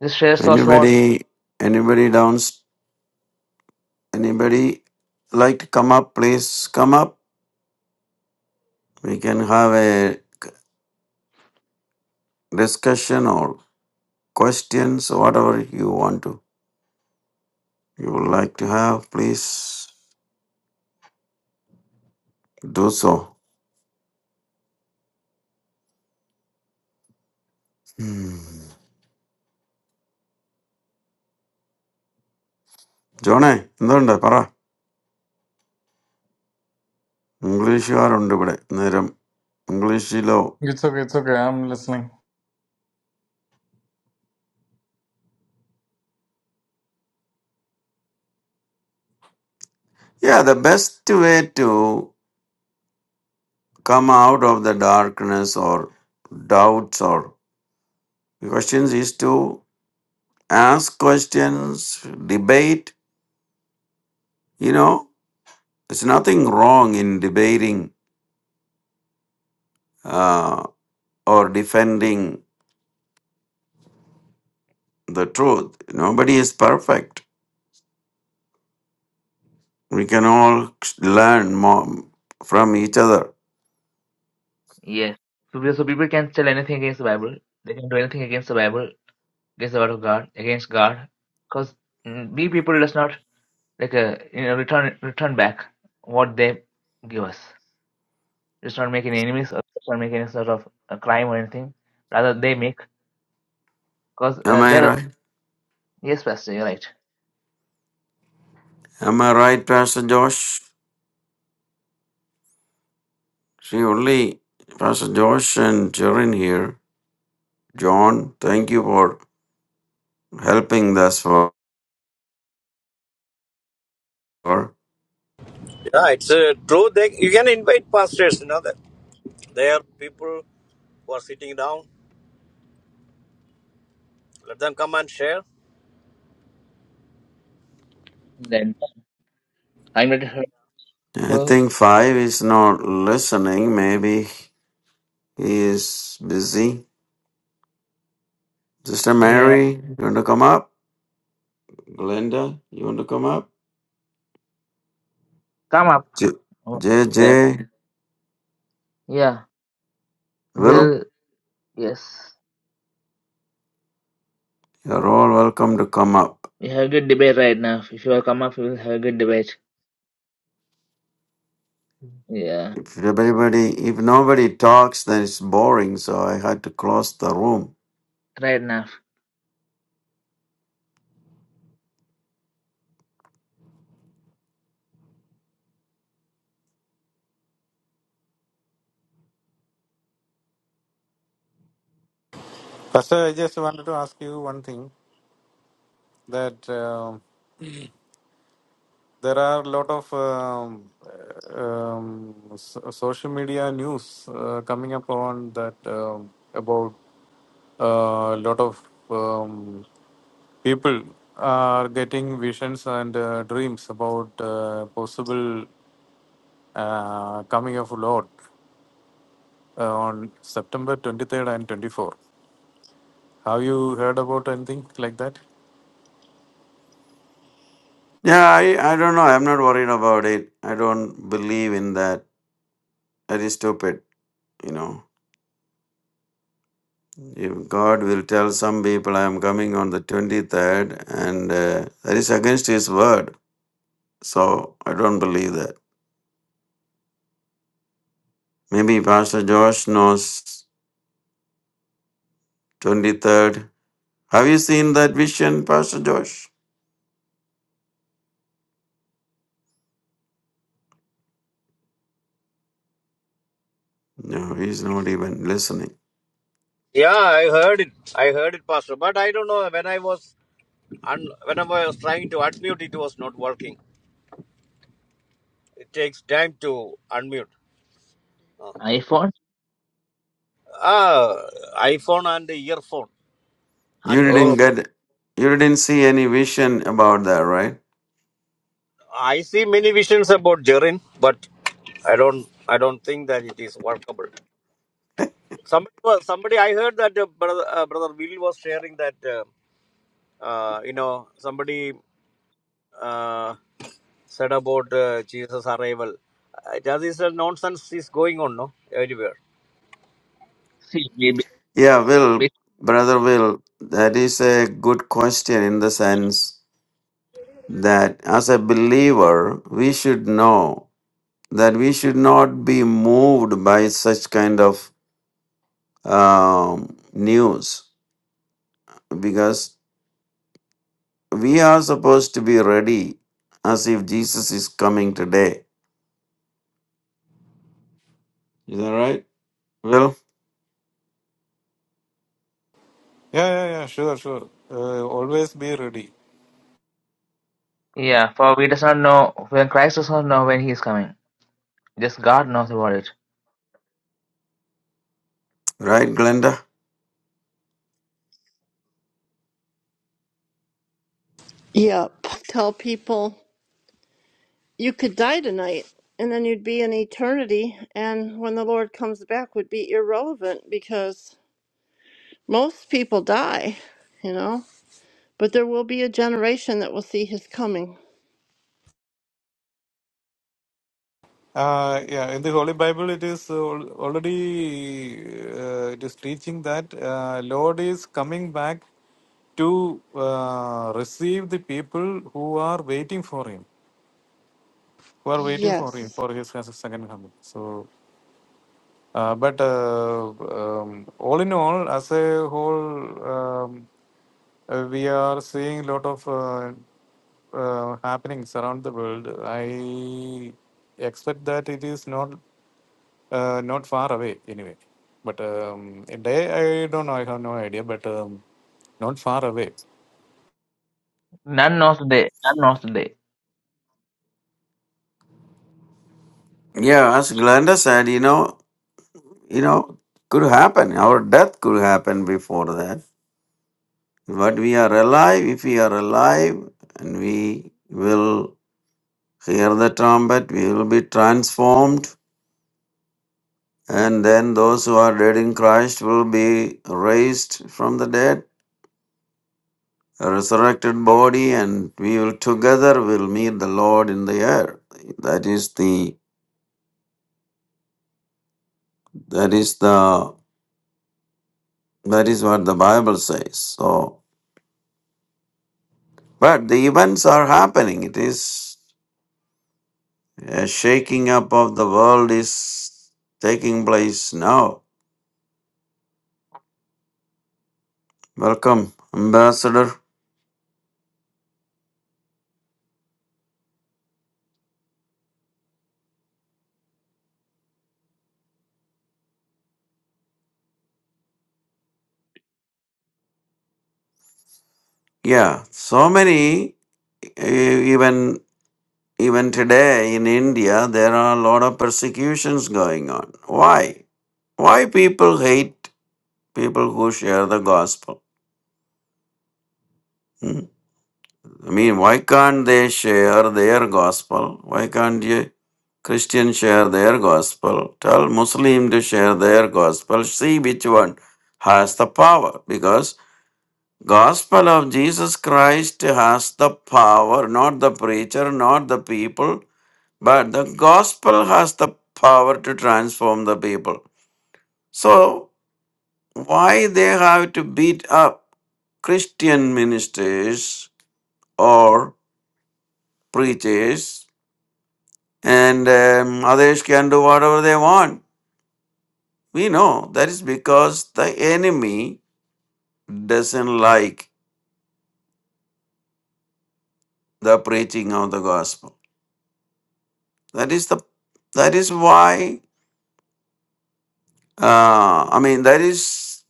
Just share so small.
Anybody, anybody down? Anybody like to come up? Please come up. We can have a discussion or questions, whatever you want to, you would like to have. Please do so. Hmm. Jonah, എന്തുണ്ട് പറ ഇംഗ്ലീഷുകാരുണ്ട് ഇവിടെ നേരം ഇംഗ്ലീഷിലോ
It's okay. It's okay. I'm listening.
Yeah, the best way to come out of the darkness or doubts or questions is to ask questions, debate, you know. There's nothing wrong in debating uh, or defending the truth. Nobody is perfect. We can all learn more from each other.
Yes. So, so people can tell anything against the Bible. They can do anything against the Bible against the word of God, against God, because we people does not like a you know return return back what they give us. Does not make any enemies or does not make any sort of a crime or anything. Rather, they make because
Am
uh,
I
there are
right?
yes, Pastor, you're right.
Am I right, Pastor Josh? See, only Pastor Josh and Jaren here. John, thank you for helping thus far.
Yeah, it's a true. They, you can invite pastors, you know, that There are people who are sitting down. Let them come and share.
Then I'm ready to
I
people.
think five is not listening. Maybe he is busy. Sister
Yeah,
Mary, you want to come up? Glenda, you want to come up?
come up.
J-
Oh, Yeah,
JJ,
yeah.
Will,
Will yes,
you're all welcome to come up.
we have a good debate right now. If you all come up, we will have a good debate. Yeah,
If everybody, if nobody talks, then it's boring. So I had to close the room.
right now.
Pastor, I just wanted to ask you one thing that um there are a lot of um, um, so- social media news uh, coming up on that um about uh, a lot of um, people are getting visions and uh, dreams about uh, possible uh, coming of Lord uh, on September 23rd and 24th. Have you heard about anything like that?
Yeah, I, I don't know. I'm not worried about it. I don't believe in that. That is stupid. You know, if God will tell some people I am coming on the 23rd, and uh, that is against His word. So I don't believe that. Maybe Pastor Josh knows 23rd. Have you seen that vision, Pastor Josh? No, he's not even listening.
Yeah, I heard it. I heard it, Pastor. But I don't know when I was un, whenever I was trying to unmute, it was not working. It takes time to unmute. Uh,
iPhone.
ah, iPhone and the earphone and
You
the nose
didn't
Oh,
phone.
get, you didn't see any vision about that, right?
I see many visions about Jerin, but I don't I don't think that it is workable. Somebody was somebody I heard that uh, brother uh, brother Will was sharing that uh, uh, you know somebody uh, said about uh, Jesus arrival. Uh, that is a nonsense is going on no everywhere.
see,
Yeah,
we
Will, brother Will, that is a good question in the sense that as a believer, we should know that we should not be moved by such kind of um, news because we are supposed to be ready as if Jesus is coming today. Is that right, Will?
Yeah, yeah, yeah, sure, sure. Uh, always be ready.
Yeah, for we does not know when Christ does not know when he is coming. Just God knows about it.
Right, Glenda?
Yep. Tell people you could die tonight and then you'd be in eternity. And when the Lord comes back, would be irrelevant because most people die, you know. But there will be a generation that will see his coming.
Uh, yeah, in the Holy Bible, it is uh, al- already uh, it is teaching that uh, Lord is coming back to uh, receive the people who are waiting for Him, who are waiting for Him
Yes.
for His second coming. So, uh, but uh, um, all in all, as a whole, um, uh, we are seeing a lot of uh, uh, happenings around the world. I expect that it is not. Uh, not far away, anyway. But um, a day, I don't know, I have no idea, but um, not far away.
None knows the day. None knows the day.
Yeah, as Glenda said, you know, you know, could happen. Our death could happen before that. But we are alive. If we are alive, and we will hear the trumpet, we will be transformed, and then those who are dead in Christ will be raised from the dead, a resurrected body, and we will together will meet the Lord in the air. That is the that is the that is what the Bible says. So But the events are happening. It is a shaking up of the world is taking place now. Welcome, Ambassador. Yeah, so many e- even even today in India there are a lot of persecutions going on. Why? Why people hate people who share the gospel? Hmm. I mean, why can't they share their gospel? Why can't you Christians share their gospel? Tell Muslim to share their gospel. See which one has the power. Because gospel of Jesus Christ has the power, not the preacher, not the people, but the gospel has the power to transform the people. So why they have to beat up Christian ministers or preachers and um, others can do whatever they want. We know that is because the enemy doesn't like the preaching of the gospel. That is the that is why uh, I mean that is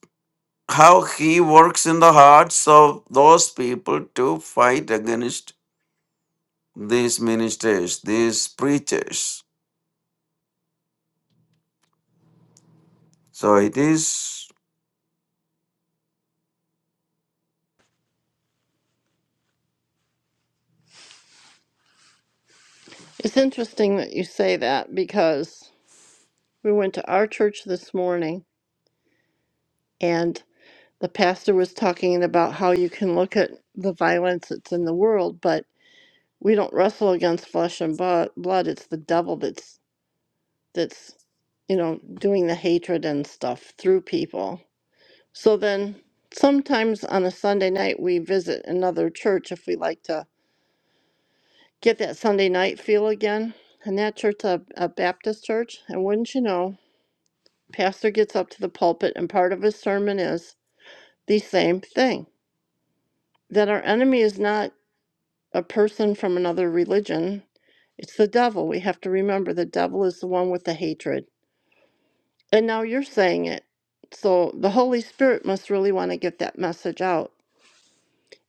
how he works in the hearts of those people to fight against these ministers, these preachers. So it is.
It's interesting that you say that because we went to our church this morning and the pastor was talking about how you can look at the violence that's in the world, but we don't wrestle against flesh and bu- blood. It's the devil that's that's you know doing the hatred and stuff through people so then sometimes on a sunday night we visit another church if we like to get that sunday night feel again and that church a, a baptist church and wouldn't you know pastor gets up to the pulpit and part of his sermon is the same thing that our enemy is not a person from another religion it's the devil we have to remember the devil is the one with the hatred And now you're saying it. So the Holy Spirit must really want to get that message out.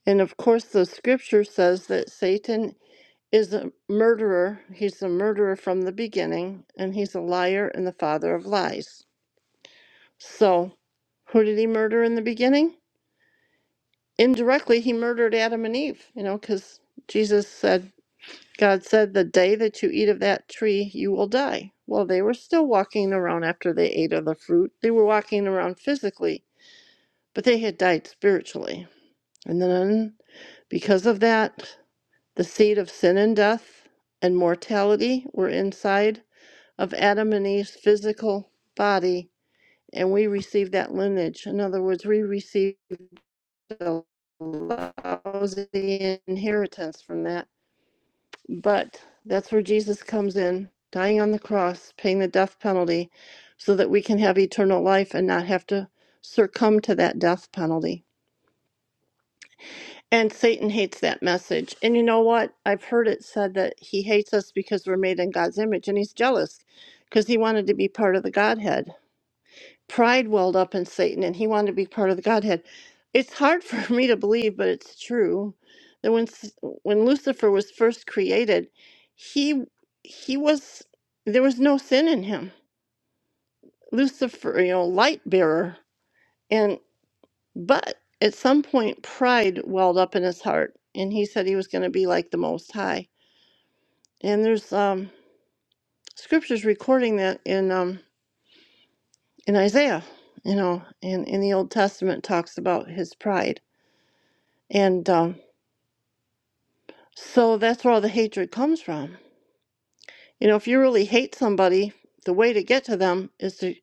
And of course, the scripture says that Satan is a murderer. He's a murderer from the beginning, and he's a liar and the father of lies. So, who did he murder in the beginning? Indirectly, he murdered Adam and Eve, you know, because Jesus said, God said, the day that you eat of that tree, you will die. Well, they were still walking around after they ate of the fruit. They were walking around physically but they had died spiritually. And then, because of that, the seed of sin and death and mortality were inside of Adam and Eve's physical body, and we received that lineage. In other words, we received a lousy inheritance from that. But that's where Jesus comes in, dying on the cross, paying the death penalty, so that we can have eternal life and not have to succumb to that death penalty. And Satan hates that message. And you know what? I've heard it said that he hates us because we're made in God's image and he's jealous because he wanted to be part of the Godhead. Pride welled up in Satan and he wanted to be part of the Godhead. It's hard for me to believe, but it's true that when S- when Lucifer was first created, he he was there was no sin in him. Lucifer, you know, light bearer. But at some point, pride welled up in his heart, and he said he was going to be like the Most High. And there's um, scriptures recording that in um, in Isaiah, you know, and in the Old Testament talks about his pride, and um, so that's where all the hatred comes from. You know, if you really hate somebody, the way to get to them is to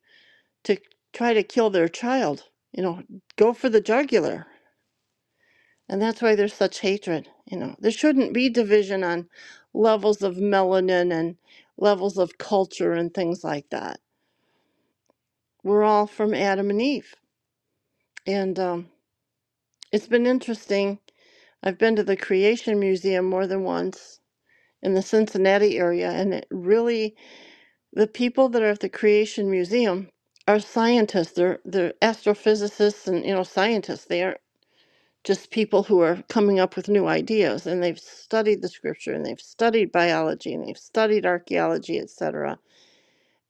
to try to kill their child. You know, go for the jugular And that's why there's such hatred. You know, there shouldn't be division on levels of melanin and levels of culture and things like that. We're all from Adam and Eve. And um, it's been interesting. I've been to the Creation Museum more than once in the Cincinnati area, and it really, the people that are at the Creation Museum are scientists. They're, they're astrophysicists and, you know, scientists. They are just people who are coming up with new ideas and they've studied the scripture and they've studied biology and they've studied archaeology etc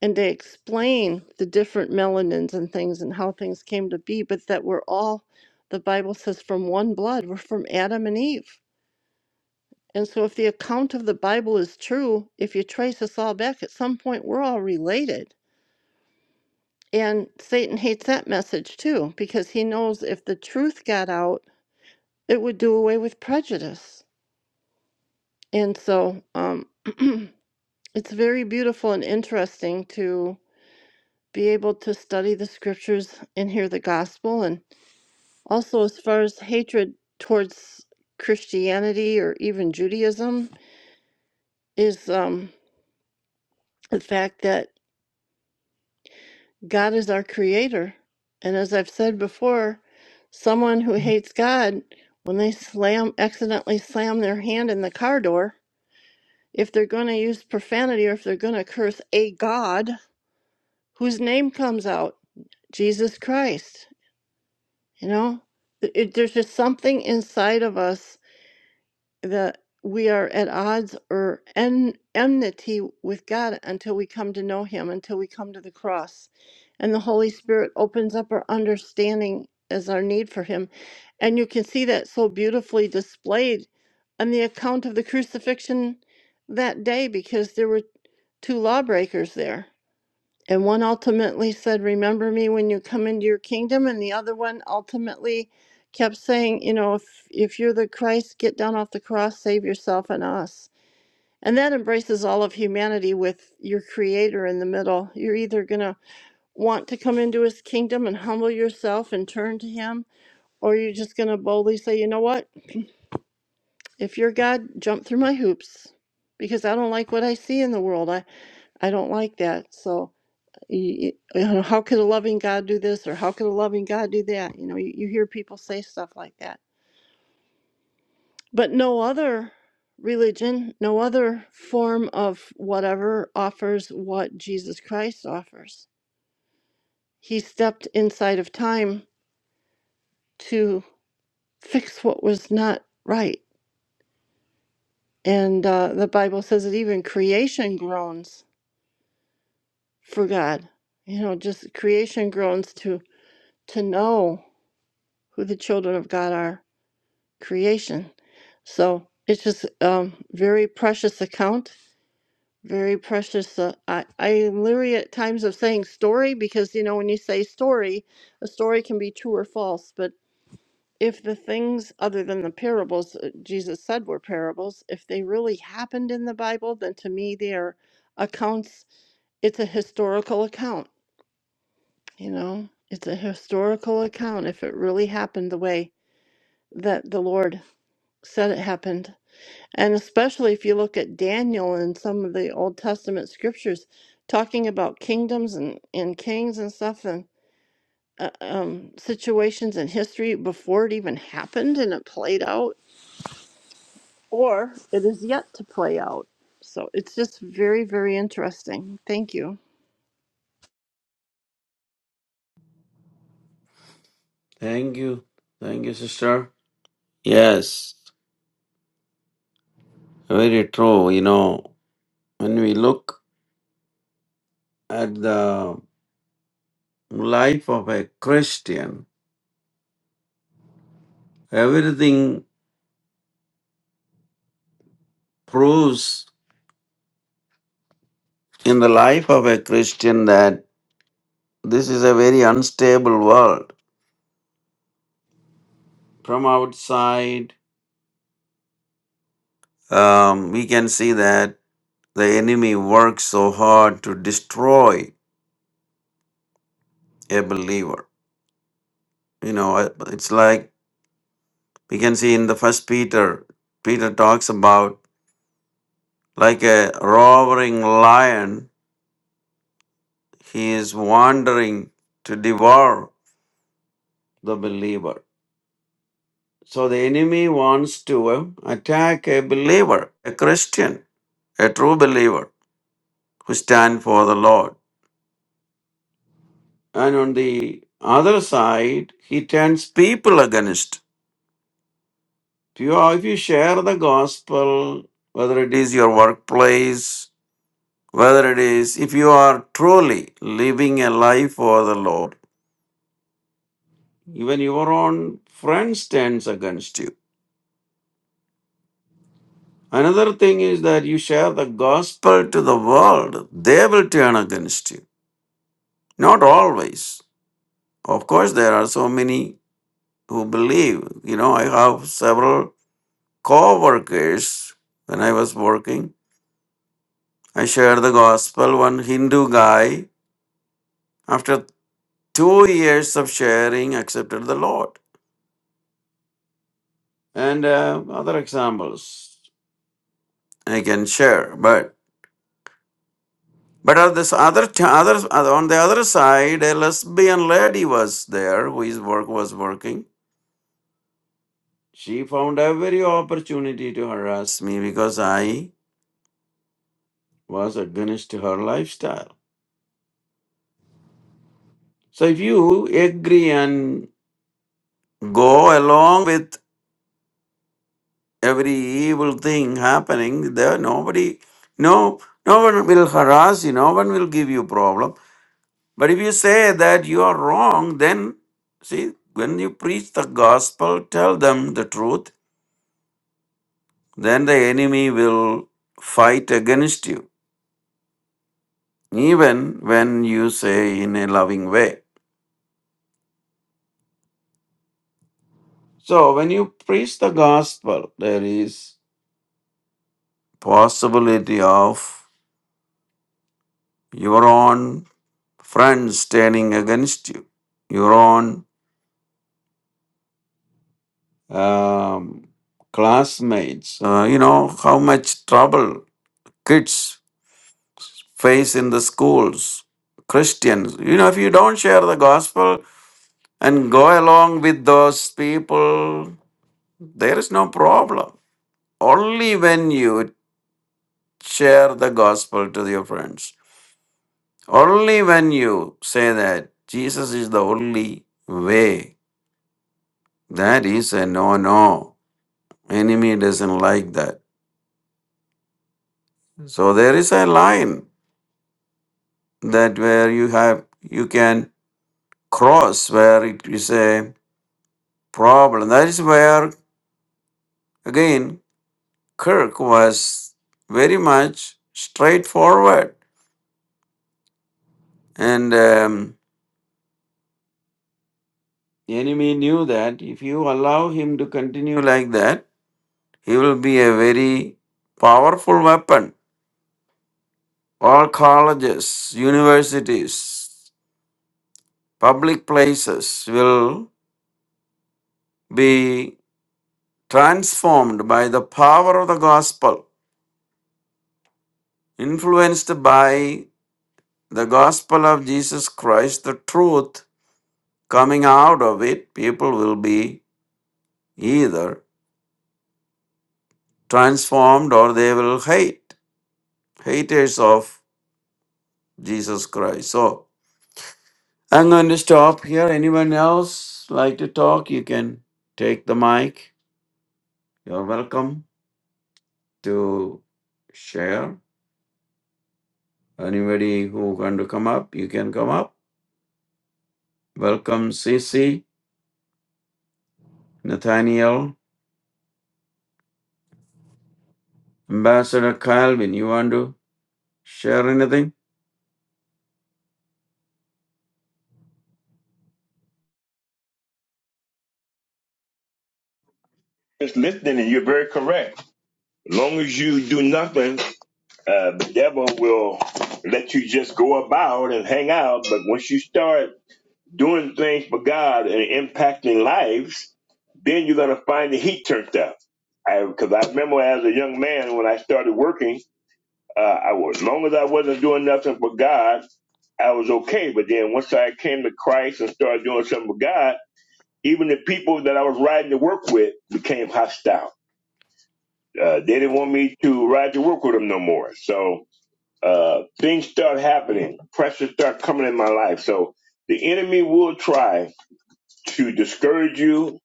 and they explain the different melanins and things and how things came to be but that we're all the bible says from one blood we're from adam and eve and so if the account of the bible is true if you trace us all back at some point we're all related and satan hates that message too because he knows if the truth got out it would do away with prejudice And so um, it's very beautiful and interesting to be able to study the scriptures and hear the gospel. And also, as far as hatred towards Christianity or even Judaism, is um, the fact that God is our creator. And as I've said before, someone who hates God, when they slam, accidentally slam their hand in the car door, if they're going to use profanity or if they're going to curse a God, whose name comes out Jesus Christ. You know, it, there's just something inside of us that we are at odds or en- enmity with God until we come to know Him, until we come to the cross. And the Holy Spirit opens up our understanding as our need for Him. And you can see that so beautifully displayed on the account of the crucifixion that day because there were two lawbreakers there and one ultimately said, Remember me when you come into your kingdom. And the other one ultimately kept saying, You know, if, if you're the Christ, get down off the cross, save yourself and us. And that embraces all of humanity with your creator in the middle. You're either going to want to come into his kingdom and humble yourself and turn to him, or you're just going to boldly say, You know what? If you're God, jump through my hoops because I don't like what I see in the world. I, I don't like that. So you, you know, how could a loving God do this or how could a loving God do that? You know, you, you hear people say stuff like that. But no other religion, no other form of whatever offers what Jesus Christ offers. He stepped inside of time to fix what was not right. And uh, the Bible says that even creation groans for God. You know, just creation groans to to know who the children of God are creation. So it's just um, very precious account, very precious. Uh, I, I am leery at times of saying story because, you know, when you say story, a story can be true or false. But if the things other than the parables uh, Jesus said were parables, if they really happened in the Bible, then to me they are accounts. It's a historical account, you know, it's a historical account if it really happened the way that the Lord said it happened And especially if you look at Daniel and some of the Old Testament scriptures talking about kingdoms and, and kings and stuff and uh, um, situations in history before it even happened and it played out or it is yet to play out. So it's just very, very interesting. Thank you.
Thank you, thank you, sister. Yes, very true. You know when we look at the life of a Christian, everything proves in the life of a Christian that this is a very unstable world. From outside, um, we can see that the enemy works so hard to destroy a believer. You know, uh, it's like we can see in the first Peter, Peter talks about like a roaring lion, he is wandering to devour the believer So the enemy wants to uh, attack a believer, a Christian, a true believer who stand for the Lord. And on the other side, he turns people against. If you, uh, if you share the gospel, whether it is your workplace, whether it is if you are truly living a life for the Lord, even your own friends turns against you. Another thing is that you share the gospel to the world, they will turn against you. Not always. Of course, there are so many who believe. You know, I have several co workers when I was working. I shared the gospel. One Hindu guy, after two years of sharing, accepted the Lord. And uh, other examples I can share. But but on this other, t- other on the other side, a lesbian lady was there whose work was working. She found every opportunity to harass me because I was against her lifestyle. So if you agree and go along with every evil thing happening, there nobody no no one will harass you, no one will give you problem. But if you say that you are wrong, then see when you preach the gospel, tell them the truth, then the enemy will fight against you, even when you say in a loving way. So when you preach the gospel, there is possibility of your own friends turning against you, your own um, classmates. Uh, you know how much trouble kids face in the schools. Christians, you know, if you don't share the gospel and go along with those people, there is no problem. Only when you share the gospel to your friends Only when you say that Jesus is the only way, that is a no no. Enemy doesn't like that. So there is a line that where you have you can cross where it is a problem. That is where again Kirk was very much straightforward and um, the enemy knew that if you allow him to continue like that, he will be a very powerful weapon All colleges, universities, public places will be transformed by the power of the gospel, influenced by the gospel of Jesus Christ, the truth coming out of it. People will be either transformed or they will hate, haters of Jesus Christ. So I'm going to stop here. Anyone else like to talk? You can take the mic. You're welcome. to share. Anybody who want to come up, you can come up. Welcome, CC, Nathaniel, Ambassador Calvin. You want to share anything?
is listening, and you're very correct. As long as you do nothing, uh, the devil will let you just go about and hang out. But once you start doing things for God and impacting lives, then you're going to find the heat turned up. Because I, 'cause I remember as a young man when I started working, uh, I was, as long as I wasn't doing nothing for God, I was okay. But then once I came to Christ and started doing something for God, even the people that I was riding to work with became hostile Uh, they didn't want me to ride to work with them no more. So uh, things start happening. Pressure start coming in my life. So the enemy will try to discourage you.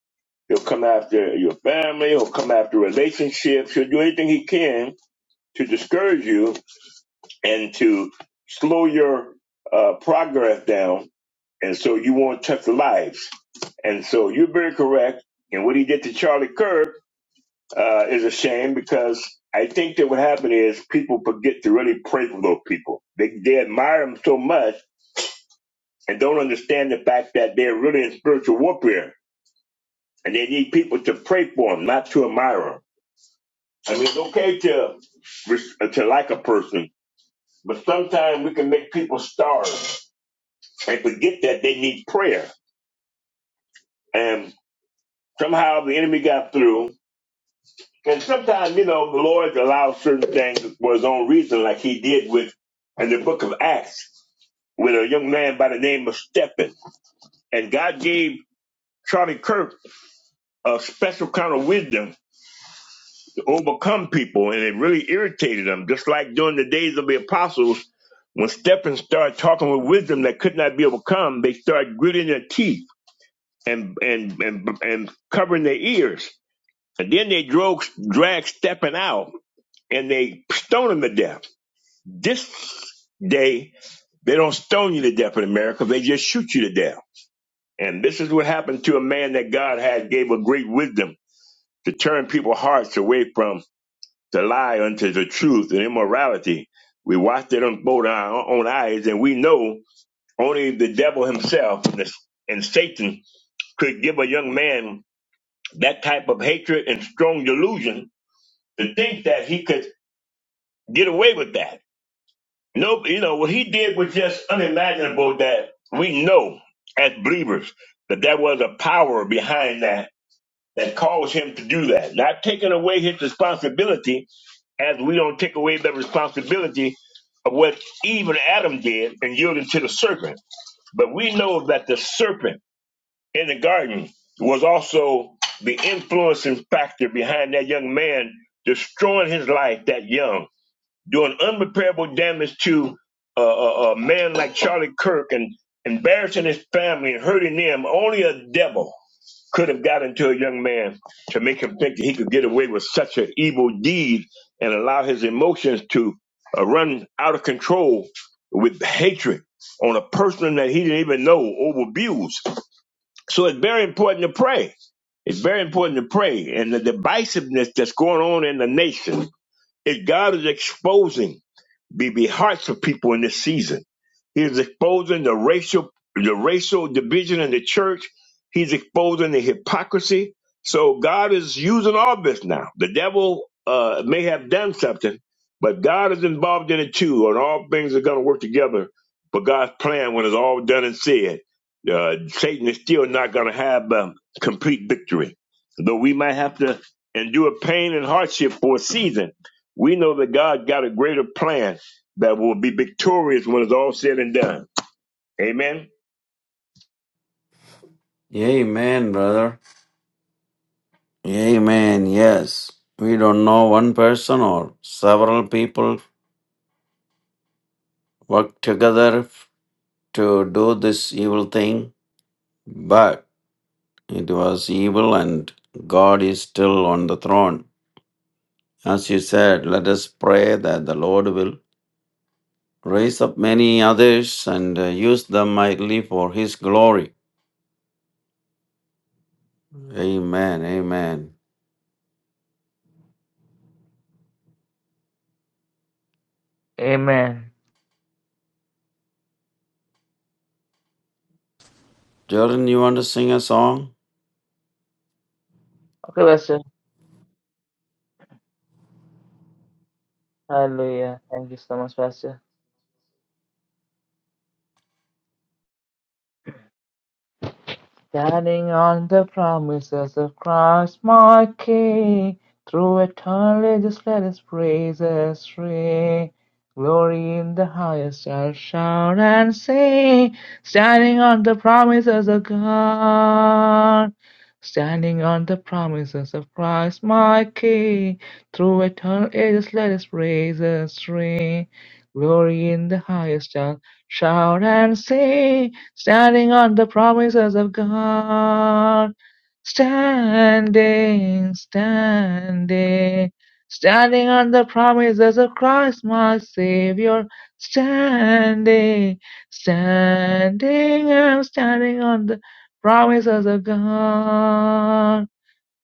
He'll come after your family. He'll come after relationships. He'll do anything he can to discourage you and to slow your uh, progress down. And so you won't touch lives. And so you're very correct. And what he did to Charlie Kirk uh, is a shame because I think that what happened is people forget to really pray for those people. They, they admire them so much and don't understand the fact that they're really in spiritual warfare and they need people to pray for them, not to admire them. I mean, it's okay to res- to like a person, but sometimes we can make people starve and forget that they need prayer. And somehow the enemy got through. And sometimes, you know, the Lord allows certain things for his own reason, like he did with in the book of Acts with a young man by the name of Stephen. And God gave Charlie Kirk a special kind of wisdom to overcome people, and it really irritated him, just like during the days of the apostles. When Stephen started talking with wisdom that could not be overcome, they started gritting their teeth and and and, and covering their ears. And then they drove, dragged Stephen out and they stoned him to death. This day, they don't stone you to death in America. They just shoot you to death And this is what happened to a man that God had gave a great wisdom to turn people's hearts away from the lie unto the truth and immorality. We watched it unfold in our own eyes, and we know only the devil himself and, the, and Satan could give a young man that type of hatred and strong delusion to think that he could get away with that. No, you know what he did was just unimaginable. That we know as believers that there was a power behind that that caused him to do that. Not taking away his responsibility, as we don't take away the responsibility of what even Adam did and yielded to the serpent. But we know that the serpent in the garden was also the influencing factor behind that young man destroying his life that young, doing unrepairable damage to a, a, a man like Charlie Kirk and embarrassing his family and hurting them. Only a devil could have gotten to a young man to make him think that he could get away with such an evil deed and allow his emotions to uh, run out of control with hatred on a person that he didn't even know or abuse. So it's very important to pray. It's very important to pray. And the divisiveness that's going on in the nation, it, God is exposing be be hearts of people in this season. He's exposing the racial the racial division in the church. He's exposing the hypocrisy. So God is using all this now. The devil uh, may have done something, but God is involved in it too, and all things are going to work together for God's plan when it's all done and said. Uh, Satan is still not going to have um, complete victory, though we might have to endure pain and hardship for a season. We know that God got a greater plan that will be victorious when it's all said and done. Amen.
Amen, brother. Amen. Yes. We don't know one person or several people work together to do this evil thing, but it was evil and God is still on the throne. As you said, let us pray that the Lord will raise up many others and uh, use them mightily for his glory. Amen. Amen.
Amen.
Jordan, you want to sing a song?
Okay, Pastor. Hallelujah. Thank you so much, Pastor. Standing on the promises of Christ my King, through eternity just let his praises ring. Glory in the highest I'll shout and sing, standing on the promises of God. Standing on the promises of Christ my King, through eternal ages let his praises ring. Glory in the highest I'll shout and sing, standing on the promises of God. Standing, standing, standing on the promises of Christ, my Savior. Standing, standing, I'm standing on the promises of God.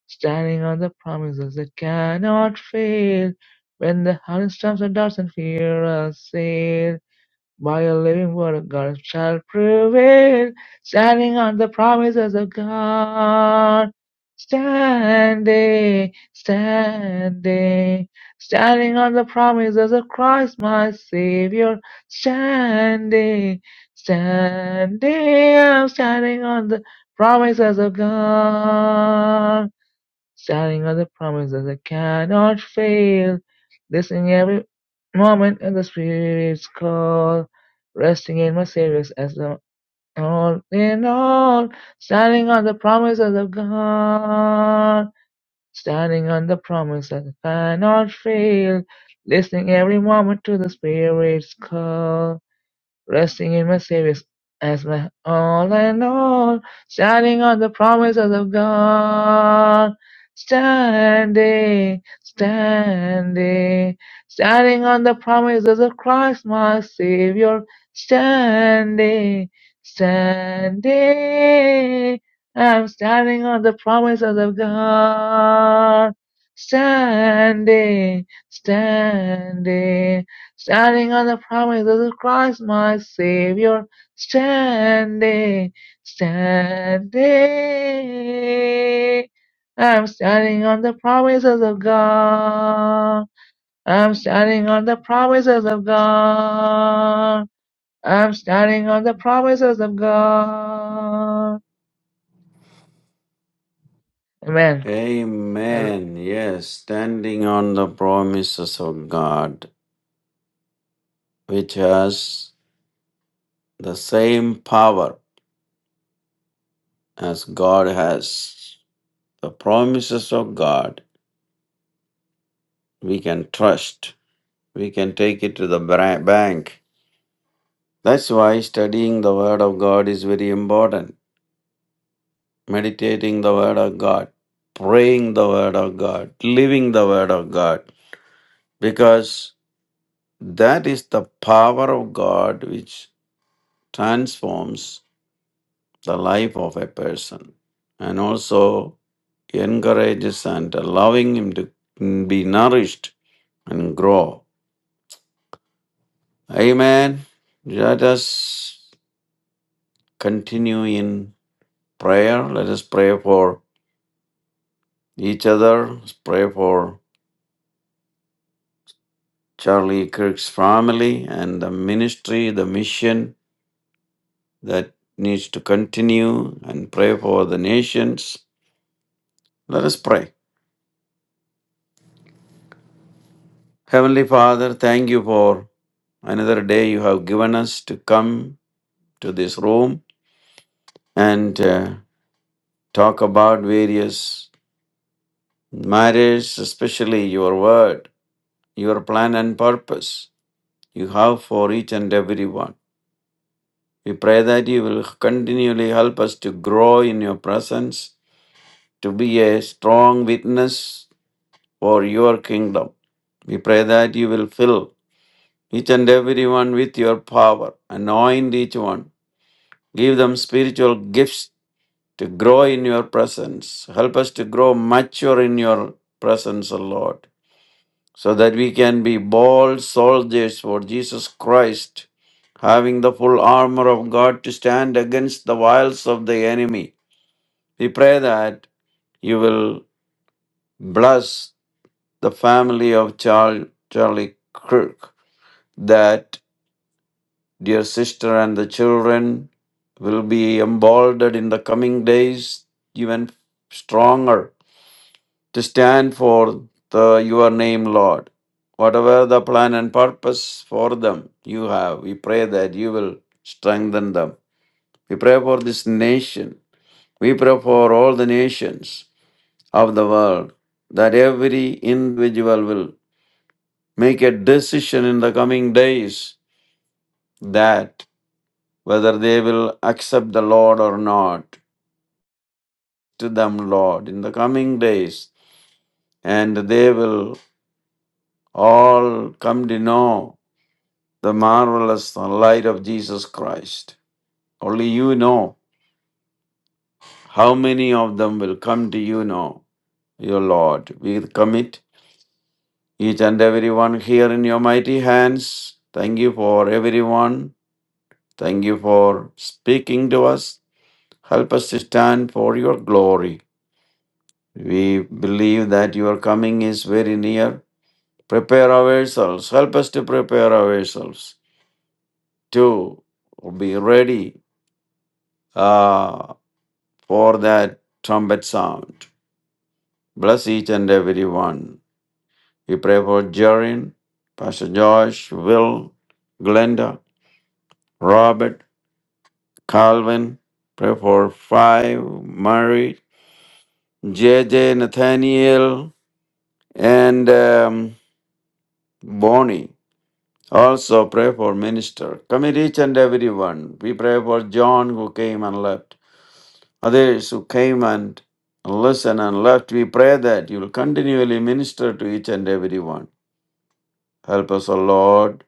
Standing on the promises that cannot fail. When the hurricane storms and doubts and fear assail, by a living word of God shall prevail, standing on the promises of God. Standing, standing, standing on the promises of Christ my Savior. Standing, standing, I'm standing on the promises of God. Standing on the promises that cannot fail, listening every moment at the Spirit's call, resting in my Savior's as the all in all, standing on the promises of God, standing on the promise that cannot fail, listening every moment to the Spirit's call resting in my Savior as my all and all, standing on the promises of God. Standing, standing, standing on the promises of Christ, my Savior. Standing, standing, I'm standing on the promises of God. Standing, standing. Standing on the promises of Christ, my Savior, standing, standing. I'm standing on the promises of God. I'm standing on the promises of God. I'm standing on the promises of God. Amen. Hallelujah.
Amen. Yes, standing on the promises of God, which has the same power as God has. The promises of God, we can trust, we can take it to the bra- bank. That's why studying the Word of God is very important meditating the Word of God, praying the Word of God, living the Word of God, because that is the power of God which transforms the life of a person and also encourages and allowing him to be nourished and grow. Amen. Let us continue in prayer. Let us pray for each other. Let's pray for Charlie Kirk's family and the ministry, the mission that needs to continue and pray for the nations. Let us pray. Heavenly Father, thank you for another day you have given us to come to this room and uh, talk about various matters, especially your word, your plan and purpose you have for each and every one. We pray that you will continually help us to grow in your presence to be a strong witness for your kingdom. We pray that you will fill each and everyone with your power, anoint each one, give them spiritual gifts to grow in your presence. Help us to grow mature in your presence, O Lord, so that we can be bold soldiers for Jesus Christ, having the full armor of God to stand against the wiles of the enemy. We pray that you will bless the family of Char- Charlie Kirk that dear sister and the children will be emboldened in the coming days even stronger to stand for the your name lord whatever the plan and purpose for them you have we pray that you will strengthen them we pray for this nation we pray for all the nations of the world that every individual will make a decision in the coming days that whether they will accept the Lord or not to them, Lord, in the coming days, and they will all come to know the marvelous light of Jesus Christ. Only you know how many of them will come to you know, your Lord. We commit each and every one here in your mighty hands. Thank you for everyone. Thank you for speaking to us. Help us to stand for your glory. We believe that your coming is very near. Prepare ourselves. Help us to prepare ourselves to be ready uh, for that trumpet sound. Bless each and every one. We pray for Jarin, Pastor Josh, Will, Glenda, Robert, Calvin. Pray for Five, Mary, JJ, Nathaniel, and um, Bonnie. Also pray for minister. Commit each and every one. We pray for John who came and left. Others who came and listened and left. We pray that you will continually minister to each and every one. Help us, O Lord.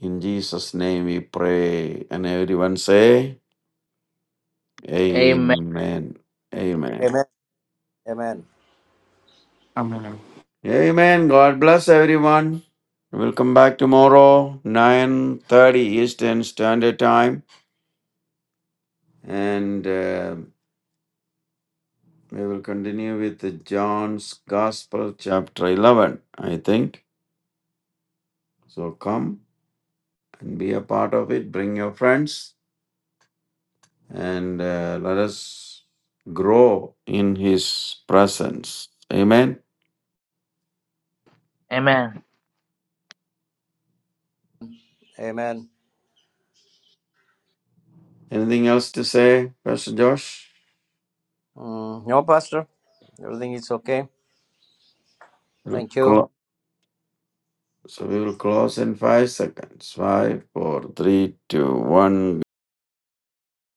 In Jesus' name we pray. And everyone say,
Amen.
Amen. Amen.
Amen. Amen.
I mean,
Amen. God bless everyone. We'll come back tomorrow, 9.30 Eastern Standard Time. And... um We will continue with John's Gospel, chapter 11, I think. So come and be a part of it. Bring your friends and uh, let us grow in His presence. Amen.
Amen.
Amen.
Anything else to say, Pastor Josh?
Mm, no, Pastor. Everything is okay.
We'll
Thank you.
clo- so we will close in five seconds. Five, four, three, two, one.